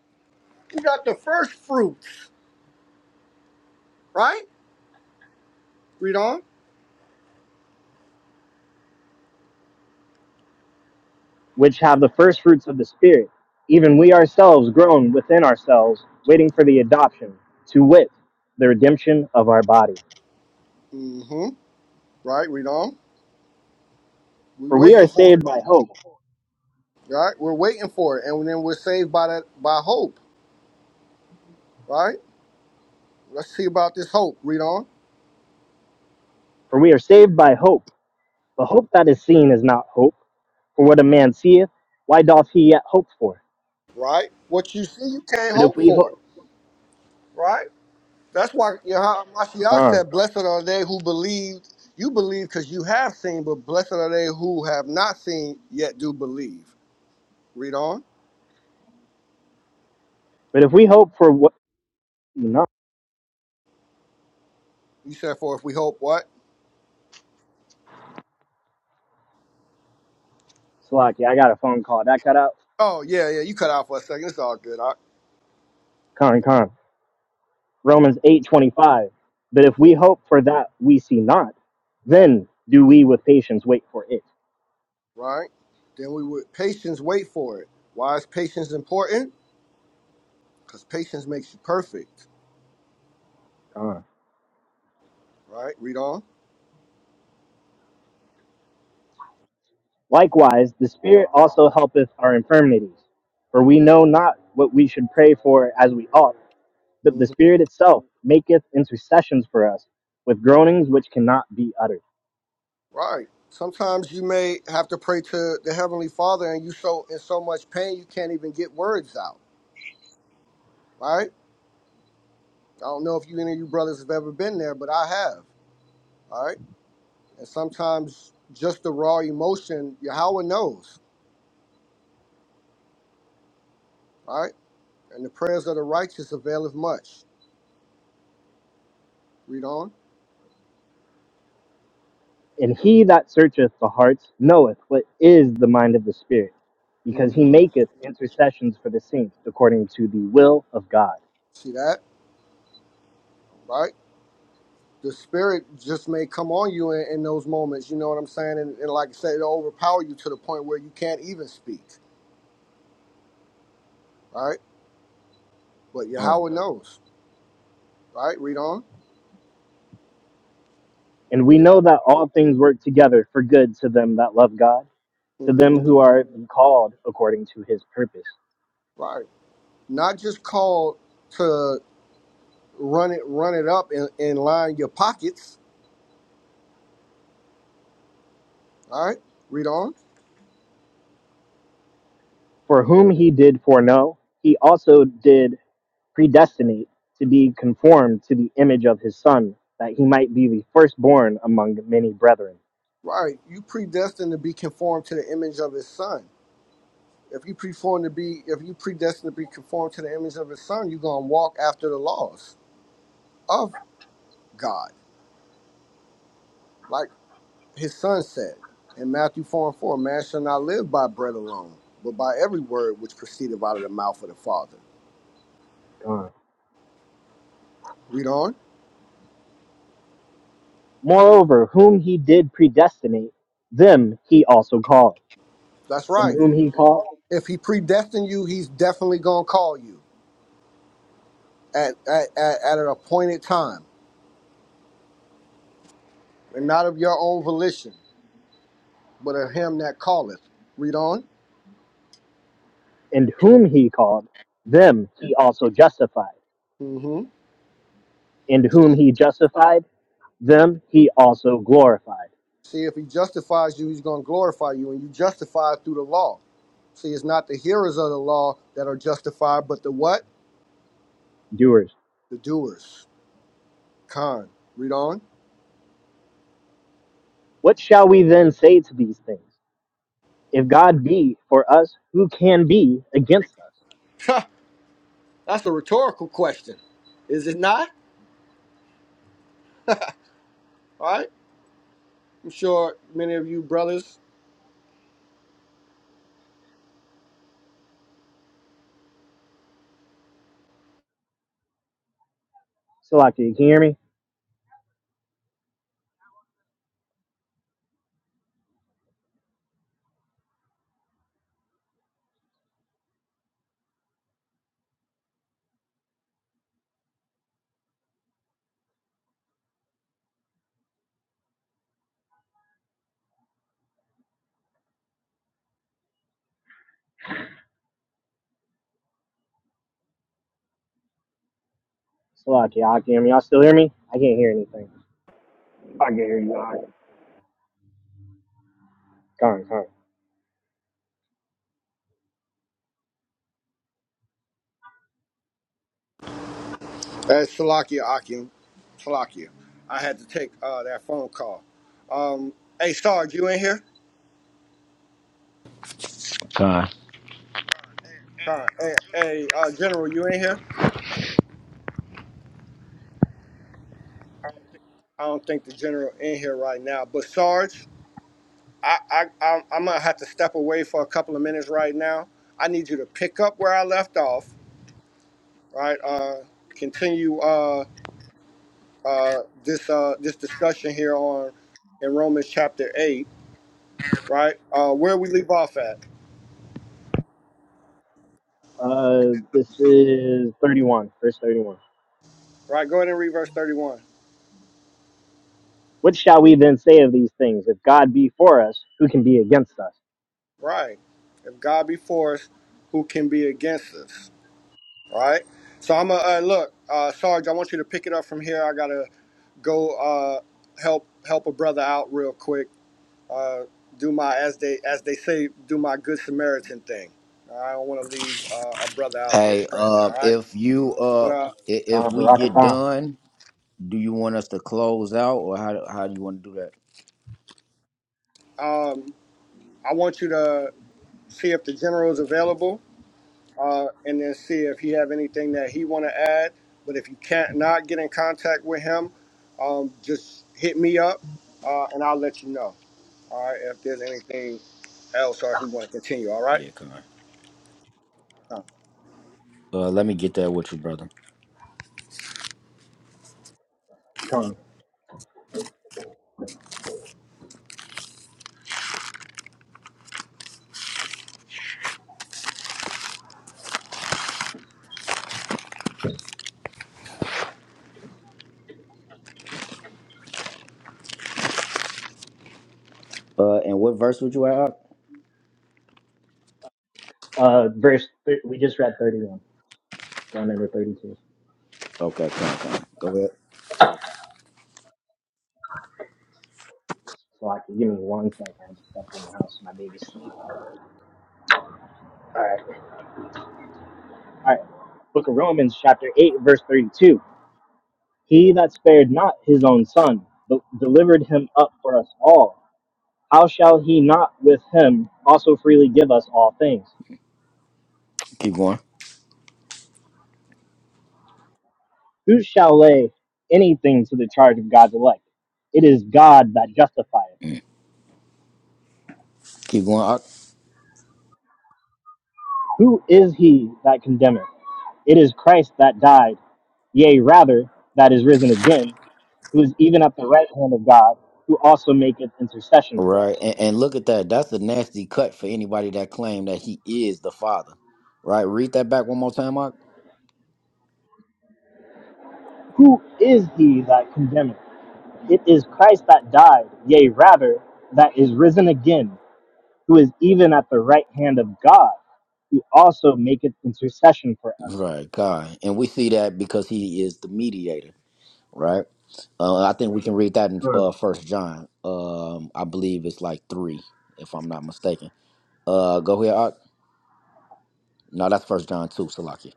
Speaker 4: You got the first fruits. Right? Read on.
Speaker 3: which have the first fruits of the Spirit, even we ourselves groan within ourselves, waiting for the adoption, to wit, the redemption of our body.
Speaker 4: Mm-hmm. Right. Read on. We're
Speaker 3: For we are
Speaker 4: waiting for
Speaker 3: saved
Speaker 4: it.
Speaker 3: by hope.
Speaker 4: Right. We're waiting for it, and then we're saved by that by hope. Right. Let's see about this hope. Read on.
Speaker 3: For we are saved by hope. But hope that is seen is not hope. For what a man seeth, why doth he yet hope for?
Speaker 4: Right. What you see, you can't
Speaker 3: But if
Speaker 4: hope
Speaker 3: we
Speaker 4: for. it.
Speaker 3: hope,
Speaker 4: Right. That's why Yahweh Mashiach
Speaker 3: uh,
Speaker 4: said, "Blessed are they who believed." You believe because you have seen, but blessed are they who have not seen yet do believe. Read on.
Speaker 3: but if we hope for what, no,
Speaker 4: You said, "For if we hope, what?"
Speaker 3: Slacky, I got a phone call. That cut out.
Speaker 4: Oh yeah, yeah. You cut out for a second. It's all good.
Speaker 3: Con, con. Romans eight twenty five. But if we hope for that we see not, then do we with patience wait for it.
Speaker 4: right? Then we would patience wait for it. Why is patience important? Because patience makes you perfect,
Speaker 3: Con.
Speaker 4: right? Read on.
Speaker 3: Likewise, the Spirit also helpeth our infirmities, for we know not what we should pray for as we ought that the
Speaker 4: hmm
Speaker 3: Spirit itself maketh intercessions for us with groanings which cannot be uttered.
Speaker 4: Right. Sometimes you may have to pray to the heavenly Father, and you so in so much pain you can't even get words out, right? I don't know if you any of you brothers have ever been there, but I have, all right. And sometimes just the raw emotion, Yahweh knows, all right. And the prayers of the righteous availeth much. Read on.
Speaker 3: And he that searcheth the hearts knoweth what is the mind of the Spirit, because
Speaker 4: mm
Speaker 3: he
Speaker 4: hmm
Speaker 3: maketh intercessions for the saints according to the will of God.
Speaker 4: See that, right? the spirit just may come on you in, in those moments. You know what I'm saying? And, and like I said, it'll overpower you to the point where you can't even speak. Right? But
Speaker 3: Uh,
Speaker 4: Yahweh knows. Right? Read on.
Speaker 3: And we know that all things work together for good to them that love God, to
Speaker 4: hmm
Speaker 3: them who are called according to his purpose.
Speaker 4: Right. Not just called to run it, run it up and, and line your pockets. All right. Read on.
Speaker 3: For whom he did foreknow, he also did predestinate to be conformed to the image of his son, that he might be the firstborn among many brethren.
Speaker 4: Right. You predestined to be conformed to the image of His Son. If you preformed to be, if you predestined to be conformed to the image of His Son, you're gonna walk after the laws of God. Like his son said in Matthew 4 and 4, Man shall not live by bread alone, but by every word which proceedeth out of the mouth of the Father.
Speaker 3: Uh,
Speaker 4: Read on.
Speaker 3: Moreover, whom he did predestinate, them he also called.
Speaker 4: That's
Speaker 3: And
Speaker 4: right.
Speaker 3: whom he called,
Speaker 4: If he predestined you, he's definitely going to call you at, at, at, at an appointed time, and not of your own volition, but of him that calleth. Read on.
Speaker 3: and whom he called, them he also justified.
Speaker 4: mm hmm
Speaker 3: And whom he justified, them he also glorified.
Speaker 4: See, if he justifies you, he's going to glorify you, and you justify through the law. See, it's not the hearers of the law that are justified, but the what?
Speaker 3: Doers.
Speaker 4: The doers. Con. Read on.
Speaker 3: What shall we then say to these things? If God be for us, who can be against us?
Speaker 4: That's a rhetorical question, is it not? All right. I'm sure many of you brothers.
Speaker 3: Salakia, can you hear me? Slocky, Akim, y'all still hear me? I can't hear anything.
Speaker 7: I can hear you. All right.
Speaker 3: Gone, gone.
Speaker 4: That's Salakia Akim, Salakia, I had to take uh, that phone call. Um, hey, Sarge, you in here?
Speaker 1: Con.
Speaker 4: Uh, Hey, hey, uh, General, you in here? I don't think the general in here right now. But Sarge, I, I, I'm, I'm gonna have to step away for a couple of minutes right now. I need you to pick up where I left off. Right. Uh, continue. Uh, uh, this uh, this discussion here on in Romans chapter eight, right? Uh, where we leave off at,
Speaker 3: Uh, this is 31, verse 31.
Speaker 4: right? Go ahead and read verse thirty-one,
Speaker 3: What shall we then say of these things? If God be for us, who can be against us?
Speaker 4: right? If God be for us, who can be against us, right? So I'm gonna uh, look, uh, Sarge. I want you to pick it up from here. I gotta go uh, help help a brother out real quick. Uh, do my as they as they say, do my good Samaritan thing. I don't want to leave uh, a brother out there
Speaker 1: Hey,
Speaker 4: stranded.
Speaker 1: uh,
Speaker 4: All right,
Speaker 1: if you
Speaker 4: but
Speaker 1: uh, i- if
Speaker 3: Gone,
Speaker 1: we get
Speaker 3: Barakatam.
Speaker 1: done, do you want us to close out, or how do- how do you want to do that?
Speaker 4: uh, um, I want you to. see if the general is available, uh, and then see if he have anything that he want to add. But if you can't not get in contact with him, um, just hit me up, uh, and I'll let you know. All right, if there's anything else, or if we want to continue. All right.
Speaker 1: Yeah, come Uh, let me get that with you, brother.
Speaker 3: Gone.
Speaker 1: Uh, and what verse would you add? up?
Speaker 3: Uh, verse, th- we just read 31. Gone over 32.
Speaker 1: Okay, come on, come on. Go ahead.
Speaker 3: Slocky, give me one second. I'm just up in the house. My baby's sleeping. All right. All right. Book of Romans, chapter 8, verse 32. He that spared not his own son, but delivered him up for us all How shall he not with him also freely give us all things?
Speaker 1: Keep going.
Speaker 3: Who shall lay anything to the charge of God's elect? It is God that justifieth.
Speaker 1: Keep going. Ak.
Speaker 3: Who is he that condemneth? It is Christ that died, yea, rather, that is risen again, who is even at the right hand of God, who also maketh intercession for
Speaker 1: Right.
Speaker 3: us.
Speaker 1: And, and look at that. That's a nasty cut for anybody that claimed that he is the father. Right. Read that back one more time, Mark.
Speaker 3: Who is he that condemneth? It is Christ that died, yea, rather, that is risen again, who is even at the right hand of God, who also maketh intercession for us.
Speaker 1: Right. God. And we see that because he is the mediator. Right. Uh, I think we can read that in
Speaker 3: Sure.
Speaker 1: uh, First John. Um, I believe it's like three, if I'm not mistaken. Uh, go ahead. Art. No, that's First John two, Salakia.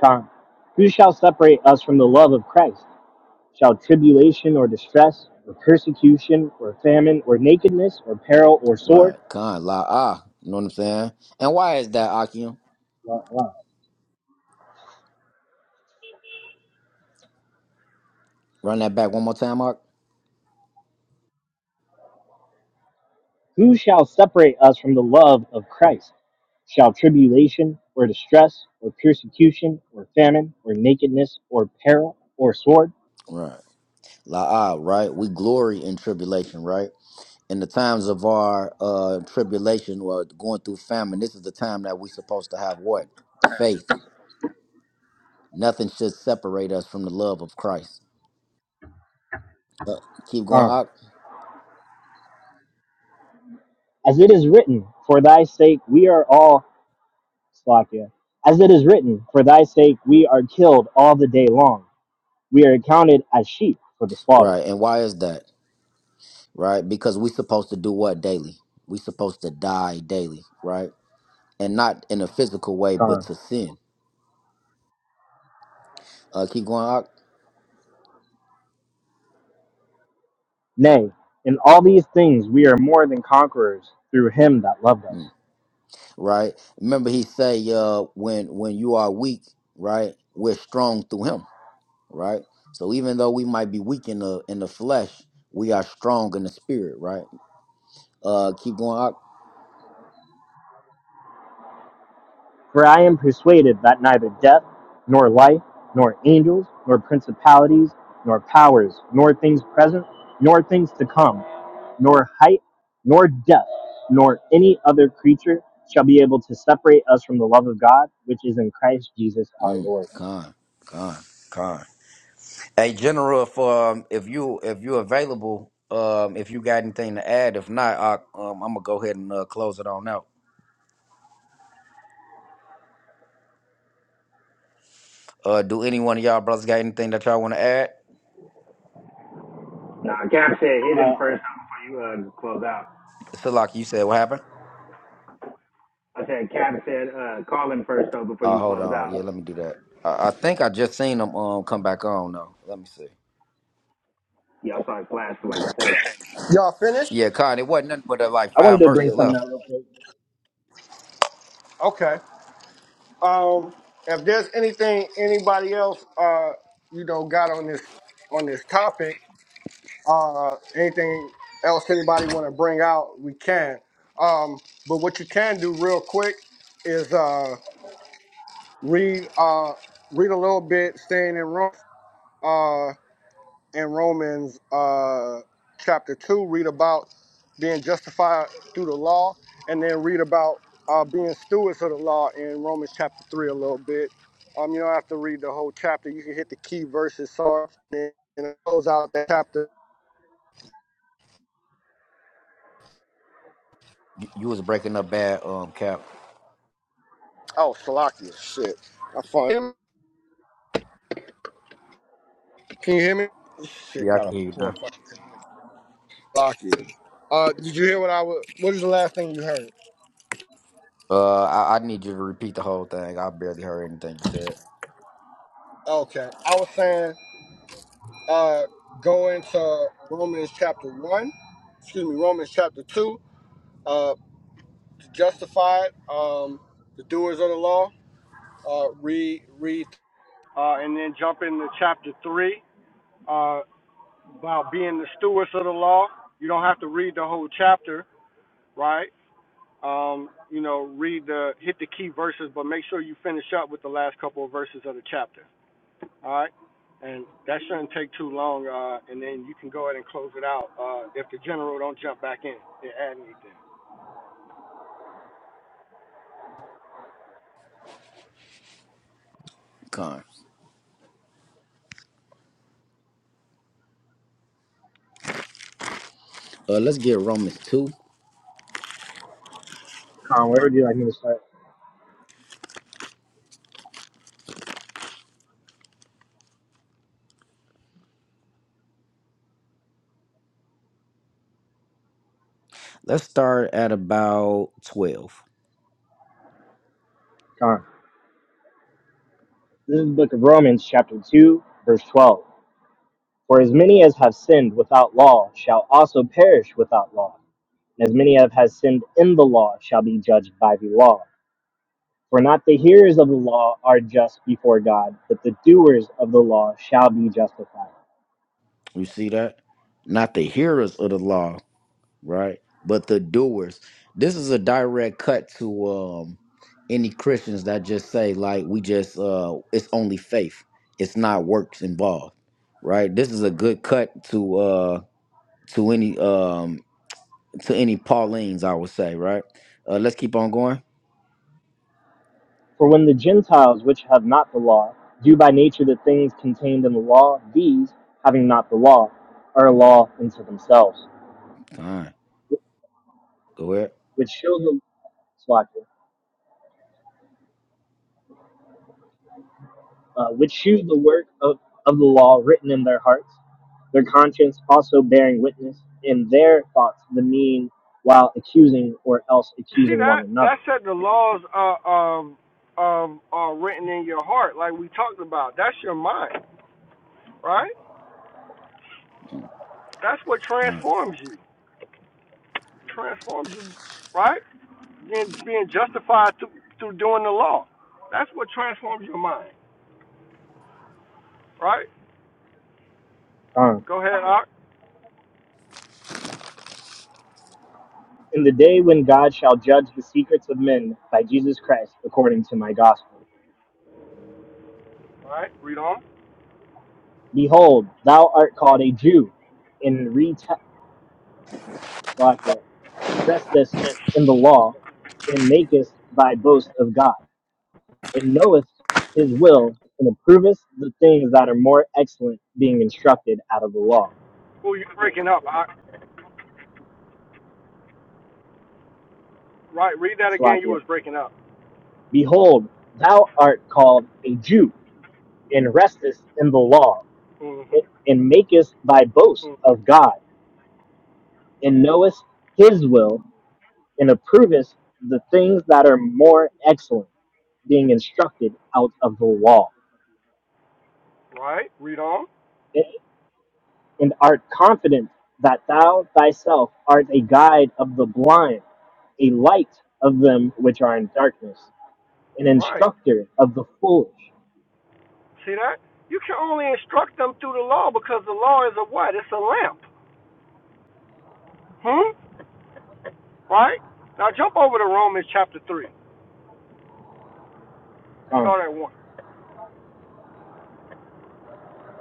Speaker 3: Con. Who shall separate us from the love of Christ? Shall tribulation or distress, or persecution, or famine, or nakedness, or peril, or sword?
Speaker 1: Right. Con la ah. You know what I'm saying? And why is that, Akim?
Speaker 3: Wow, wow.
Speaker 1: Run that back one more time, Mark.
Speaker 3: Who shall separate us from the love of Christ? Shall tribulation, or distress, or persecution, or famine, or nakedness, or peril, or sword?
Speaker 1: Right. La ah. Right. We glory in tribulation. Right. in the times of our uh, tribulation or going through famine, this is the time that we're supposed to have what? Faith. Nothing should separate us from the love of Christ. Uh, keep going
Speaker 3: Con.
Speaker 1: up.
Speaker 3: As it is written, For thy sake we are all Slovakia. As it is written, For thy sake we are killed all the day long. We are accounted as sheep for the slaughter.
Speaker 1: Right. And why is that? Right. Because we're supposed to do what daily? We're supposed to die daily. Right. And not in a physical way, but
Speaker 3: Con.
Speaker 1: to sin. Uh, keep going up.
Speaker 3: Nay, in all these things we are more than conquerors through him that loved us.
Speaker 1: Mm. Right. Remember, he say, uh, when when you are weak, right, we're strong through him right? So even though we might be weak in the in the flesh, we are strong in the spirit, right? Uh, keep going out.
Speaker 3: For I am persuaded that neither death, nor life, nor angels, nor principalities, nor powers, nor things present, nor things to come, nor height, nor depth, nor any other creature shall be able to separate us from the love of God, which is in Christ Jesus our
Speaker 1: Mm,
Speaker 3: Lord.
Speaker 1: con, con, con. Hey, General, if um if you if you available, um if you got anything to add, if not, I, um I'm gonna go ahead and uh, close it on out. Uh, do any one of y'all brothers got anything that y'all want to add?
Speaker 7: Nah, Cap said hit
Speaker 3: Uh,
Speaker 7: him first though, before you uh, close out.
Speaker 1: Salak, you said what happened?
Speaker 7: I said Cap said uh, call him first though before
Speaker 1: Uh,
Speaker 7: you
Speaker 1: hold
Speaker 7: close
Speaker 1: on. Yeah,
Speaker 7: out.
Speaker 1: let me do that. I, I think I just seen them um come back on though. Let me see.
Speaker 7: Y'all saw it flash for like a second.
Speaker 4: Y'all finished?
Speaker 1: Yeah, Con, it wasn't nothing but uh, like
Speaker 3: I wanted
Speaker 1: five
Speaker 3: to bring
Speaker 1: verses
Speaker 3: something
Speaker 1: left.
Speaker 3: out real quick.
Speaker 4: Okay. Um, if there's anything anybody else, uh, you know, got on this on this topic, Uh, anything else anybody want to bring out, we can. Um, but what you can do real quick is uh, read uh, read a little bit, staying in Rome, uh, in Romans uh, chapter two. Read about being justified through the law, and then read about uh, being stewards of the law in Romans chapter three a little bit. Um, you don't have to read the whole chapter. You can hit the key verses, so and it goes out that chapter
Speaker 1: You, you was breaking up bad, um, Cap.
Speaker 4: Oh, Salakia. Shit. I find him. Can you hear me? This shit
Speaker 1: Yeah, I
Speaker 4: got
Speaker 1: can
Speaker 4: a
Speaker 1: hear you
Speaker 4: poor
Speaker 1: now.
Speaker 4: fucking connection. Salakia. Uh, did you hear what I was? What is the last thing you heard?
Speaker 1: Uh, I, I need you to repeat the whole thing. I barely heard anything you said.
Speaker 4: Okay. I was saying, uh, go into Romans chapter one. Excuse me, Romans chapter two. Uh, to justify it, um, the doers of the law. Uh, read, read, uh, and then jump into chapter three uh, about being the stewards of the law. You don't have to read the whole chapter, right? um, you know, read the hit the key verses, but make sure you finish up with the last couple of verses of the chapter. All right, and that shouldn't take too long, uh, and then you can go ahead and close it out uh, if the general don't jump back in and add anything.
Speaker 1: Con. Uh, let's get Romans 2.
Speaker 3: Con, where would you like me to start?
Speaker 1: Let's start at about 12.
Speaker 3: Con. This is the book of Romans, chapter 2, verse 12. For as many as have sinned without law shall also perish without law. And as many as have sinned in the law shall be judged by the law. For not the hearers of the law are just before God, but the doers of the law shall be justified.
Speaker 1: You see that? Not the hearers of the law, right? But the doers. This is a direct cut to um any Christians that just say, like, we just, uh, it's only faith. It's not works involved, right? This is a good cut to, uh, to any um to any Paulines, I would say, right? Uh, let's keep on going.
Speaker 3: For when the Gentiles, which have not the law, do by nature the things contained in the law, these, having not the law, are a law unto themselves
Speaker 1: Con, go ahead.
Speaker 3: Which shows the Soccer, uh, which shew the work of, of the law written in their hearts, their conscience also bearing witness in their thoughts the mean while accusing or else
Speaker 4: See
Speaker 3: accusing
Speaker 4: that
Speaker 3: one another.
Speaker 4: that said the laws are um, um, are written in your heart, like we talked about. That's your mind, right? That's what
Speaker 1: Con,
Speaker 4: transforms you, transforms you, right? Justified through through doing the law. That's what transforms your mind, right?
Speaker 3: Uh,
Speaker 4: Go ahead, Ark.
Speaker 3: in the day when God shall judge the secrets of men by Jesus Christ according to my gospel.
Speaker 4: All right, read on.
Speaker 3: Behold, thou art called a Jew, and rete- Slovakia, restest in the law, and makest thy boast of God. and knoweth his will, and approveth the things that are more excellent, being instructed out of the law.
Speaker 4: Oh, you're breaking up. I, right, read that again. You
Speaker 3: Salakia.
Speaker 4: was breaking up.
Speaker 3: Behold, thou art called a Jew, and restest in the law,
Speaker 4: Mm-hmm.
Speaker 3: and makest thy boast
Speaker 4: Mm-hmm.
Speaker 3: of God, and knowest his will, and approvest the things that are more excellent, being instructed out of the law,
Speaker 4: Right, read on.
Speaker 3: and art confident that thou thyself art a guide of the blind a light of them which are in darkness, an
Speaker 4: Right,
Speaker 3: instructor of the foolish.
Speaker 4: see that? You can only instruct them through the law because the law is a what? It's a lamp. Hmm. Right. Now jump over to Romans chapter three.
Speaker 3: Um,
Speaker 4: Start at one.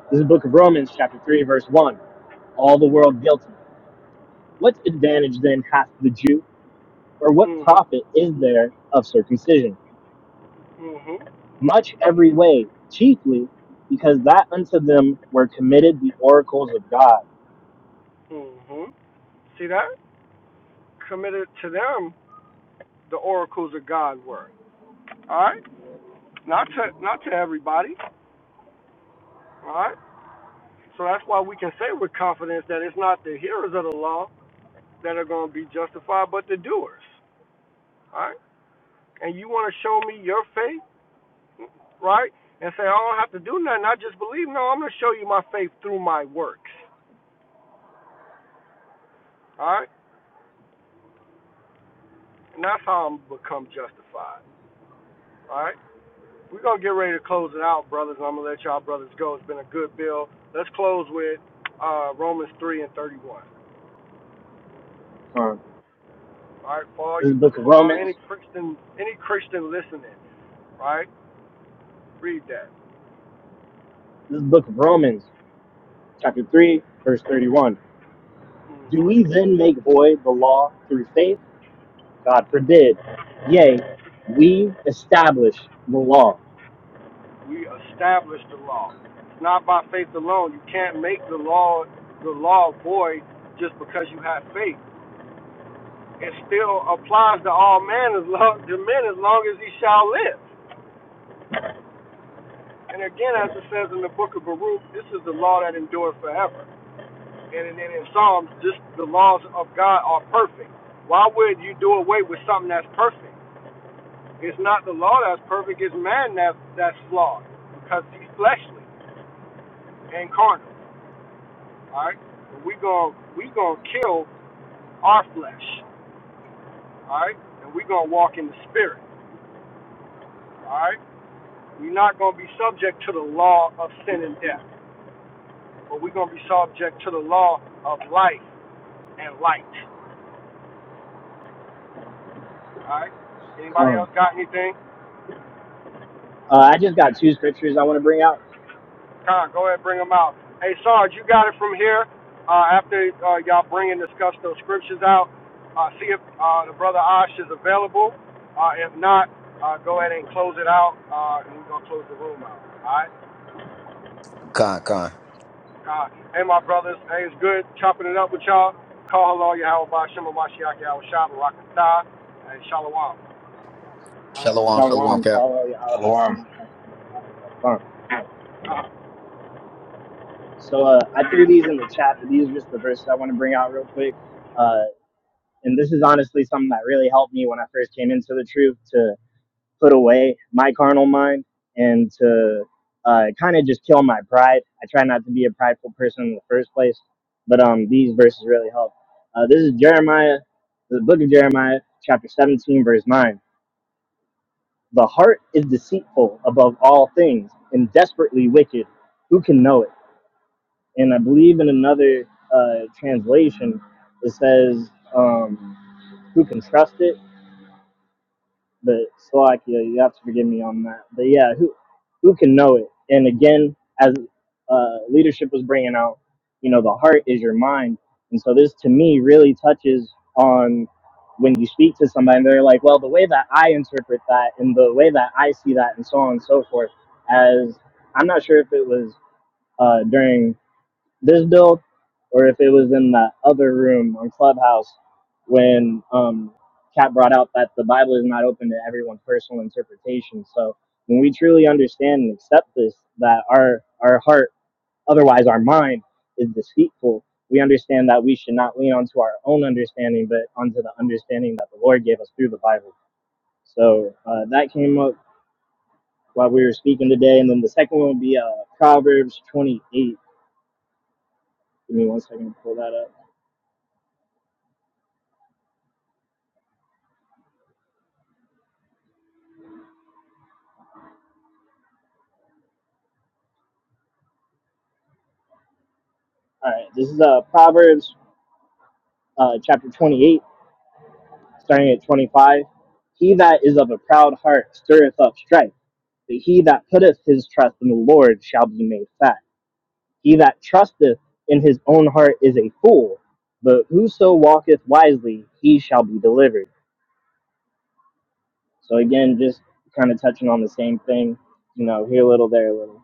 Speaker 3: this is the book of Romans, chapter 3, verse 1. All the world guilty. What advantage then hath the Jew, or what
Speaker 4: Mm-hmm.
Speaker 3: profit is there of circumcision?
Speaker 4: Mm-hmm.
Speaker 3: Much every way, chiefly because that unto them were committed the oracles of God.
Speaker 4: Mm-hmm. See that? Committed to them the oracles of God were. All right. Not to not to everybody. All right. So that's why we can say with confidence that it's not the hearers of the law that are going to be justified, but the doers. All right. And you will faith right? And say, I don't have to do nothing. I just believe. No, I'm going to show you my faith through my works, all right? And that's how I'm become justified, all right? We're going to get ready to close it out, brothers. and I'm going to let y'all brothers go. It's been a good bill. Let's close with uh, Romans 3 and 31.
Speaker 3: Um,
Speaker 4: All right, for all
Speaker 3: this is
Speaker 4: you,
Speaker 3: the book of
Speaker 4: for all,
Speaker 3: Romans.
Speaker 4: any Christian, any Christian listening, right? Read that.
Speaker 3: This is the book of Romans, chapter 3, verse 31. Do
Speaker 4: hmm
Speaker 3: we then make void the law through faith? God forbid. Yea, we establish the law.
Speaker 4: We established the law. It's not by faith alone. You can't make the law, the law void just because you have faith. it still applies to all men as long to men as long as he shall live. And again, as it says in the book of Baruch, this is the law that endures forever. And then in Psalms, just the laws of God are perfect. Why would you do away with something that's perfect? It's not the law that's perfect, it's man that, that's flawed because he's fleshly and carnal. All right? And we going we gonna to kill our flesh. All right? And we gonna walk in the spirit. All right? We're not going to be subject to the law of sin and death, but we're going to be subject to the law of life and light. All right? Anybody
Speaker 3: Come.
Speaker 4: else got anything?
Speaker 3: Uh, I just got two scriptures I want to bring out.
Speaker 4: Con, go ahead, and bring them out. Hey, Sarge, you got it from here. Uh, after uh, y'all bring and discuss those scriptures out, uh, see if uh, the brother Ash is available. Uh, if not, uh, go ahead and close it out, uh, and we're going to close the room out. All right?
Speaker 1: con. con.
Speaker 4: God. Hey, my brothers. Hey, it's good chopping it up with y'all. Call hello, Yahweh Shema Mashiach Yahweh Shah, Barakatah, and Shalom.
Speaker 1: Shalom, shalom,
Speaker 3: Shalom,
Speaker 1: Cap.
Speaker 6: shalom,
Speaker 3: So uh, I threw these in the chat, but these are just the verses I want to bring out real quick. Uh, and this is honestly something that really helped me when I first came into the truth To put away my carnal mind and to uh, kind of just kill my pride. I try not to be a prideful person in the first place, but um, these verses really help. Uh, this is Jeremiah, the book of Jeremiah, chapter 17, verse 9. The heart is deceitful above all things and desperately wicked. Who can know it? And I believe in another uh, translation, it says, um, Who can trust it? But Slovakia, you have to forgive me on that. But yeah, who who can know it? And again, as uh, leadership was bringing out, you know, the heart is your mind, and so this to me really touches on when you speak to somebody, and they're like, well, the way that I interpret that, and the way that I see that, and so on and so forth. As I'm not sure if it was uh, during this build or if it was in that other room on Clubhouse when um, Kat brought out that the Bible is not open to everyone's personal interpretation. So when we truly understand and accept this, that our, our heart, otherwise our mind, is deceitful, we understand that we should not lean onto our own understanding, but onto the understanding that the Lord gave us through the Bible. So uh, that came up while we were speaking today. And then the second one would be uh, Proverbs 28. Give me one second to pull that up. All right, this is uh, Proverbs uh, chapter 28, starting at 25. He that is of a proud heart stirreth up strife, but he that putteth his trust in the Lord shall be made fat. He that trusteth in his own heart is a fool, but whoso walketh wisely, he shall be delivered. So, again, just kind of touching on the same thing, you know, here a little, there a little.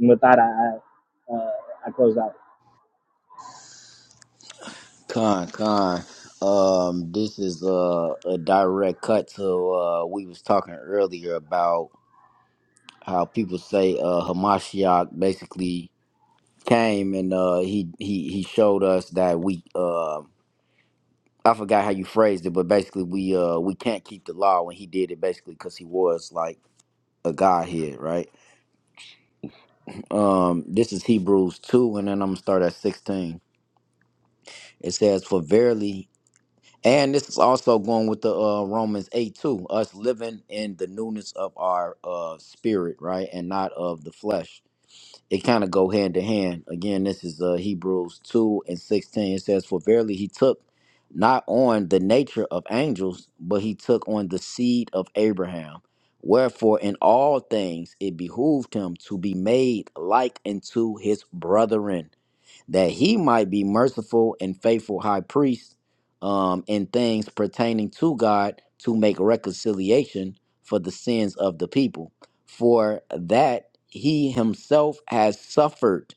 Speaker 3: And with that, I, I, uh, I close out.
Speaker 1: Con, con. Um, this is a, a direct cut to uh, we was talking earlier about how people say uh, Hamashiach basically came and uh, he he he showed us that we uh, I forgot how you phrased it, but basically we uh we can't keep the law when he did it basically because he was like a godhead, right? Um, this is Hebrews 2, and then I'm gonna start at 16. It says, For verily, and this is also going with the uh Romans 8 too, us living in the newness of our uh spirit, right, and not of the flesh it kind of go hand to hand. Again, this is uh, Hebrews 2 and 16. It says, For verily he took not on the nature of angels, but he took on the seed of Abraham. Wherefore, in all things it behooved him to be made like unto his brethren that he might be merciful and faithful high priest um, in things pertaining to God to make reconciliation for the sins of the people. For that he himself has suffered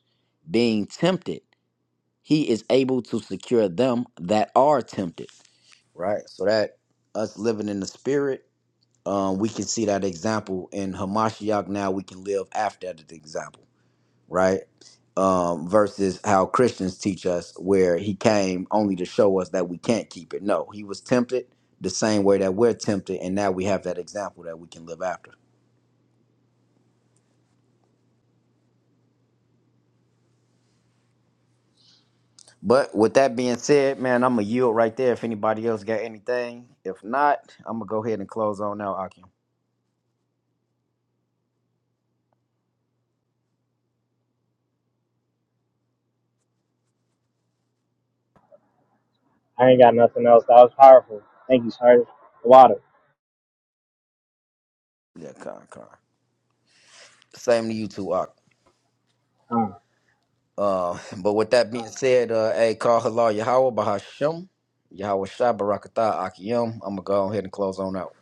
Speaker 1: being tempted, he is able to secure them that are tempted. Right? So that us living in the spirit, um, we can see that example in Hamashiach now. We can live after that example right? Um, versus how Christians teach us, where he came only to show us that we can't keep it. No, he was tempted the same way that we're tempted, and now we have that example that we can live after. But with that being said, man, I'm gonna yield right there. If anybody else got anything, if not, I'm gonna go ahead and close on now, Akim.
Speaker 3: I ain't got nothing else. That was powerful. Thank you, Sergeant. The Water.
Speaker 1: Yeah, con, con. Same to you too, Ak.
Speaker 3: Um,
Speaker 1: Uh, but with that being said, uh, hey, call halal Yahweh Bahashem, Yahweh Shai Barakatah Akiyom. I'm gonna go ahead and close on out.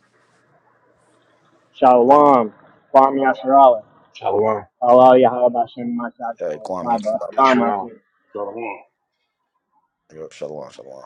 Speaker 3: Shalom. Kwame Asherala.
Speaker 6: shalom.
Speaker 3: Allah Yahabashim Mashat
Speaker 1: Hey,
Speaker 3: Yahweh.
Speaker 1: Kwame.
Speaker 3: Saba.
Speaker 6: I'm not shalom.
Speaker 3: Kwame
Speaker 8: Shalom.
Speaker 1: Yep, shalom, shalom.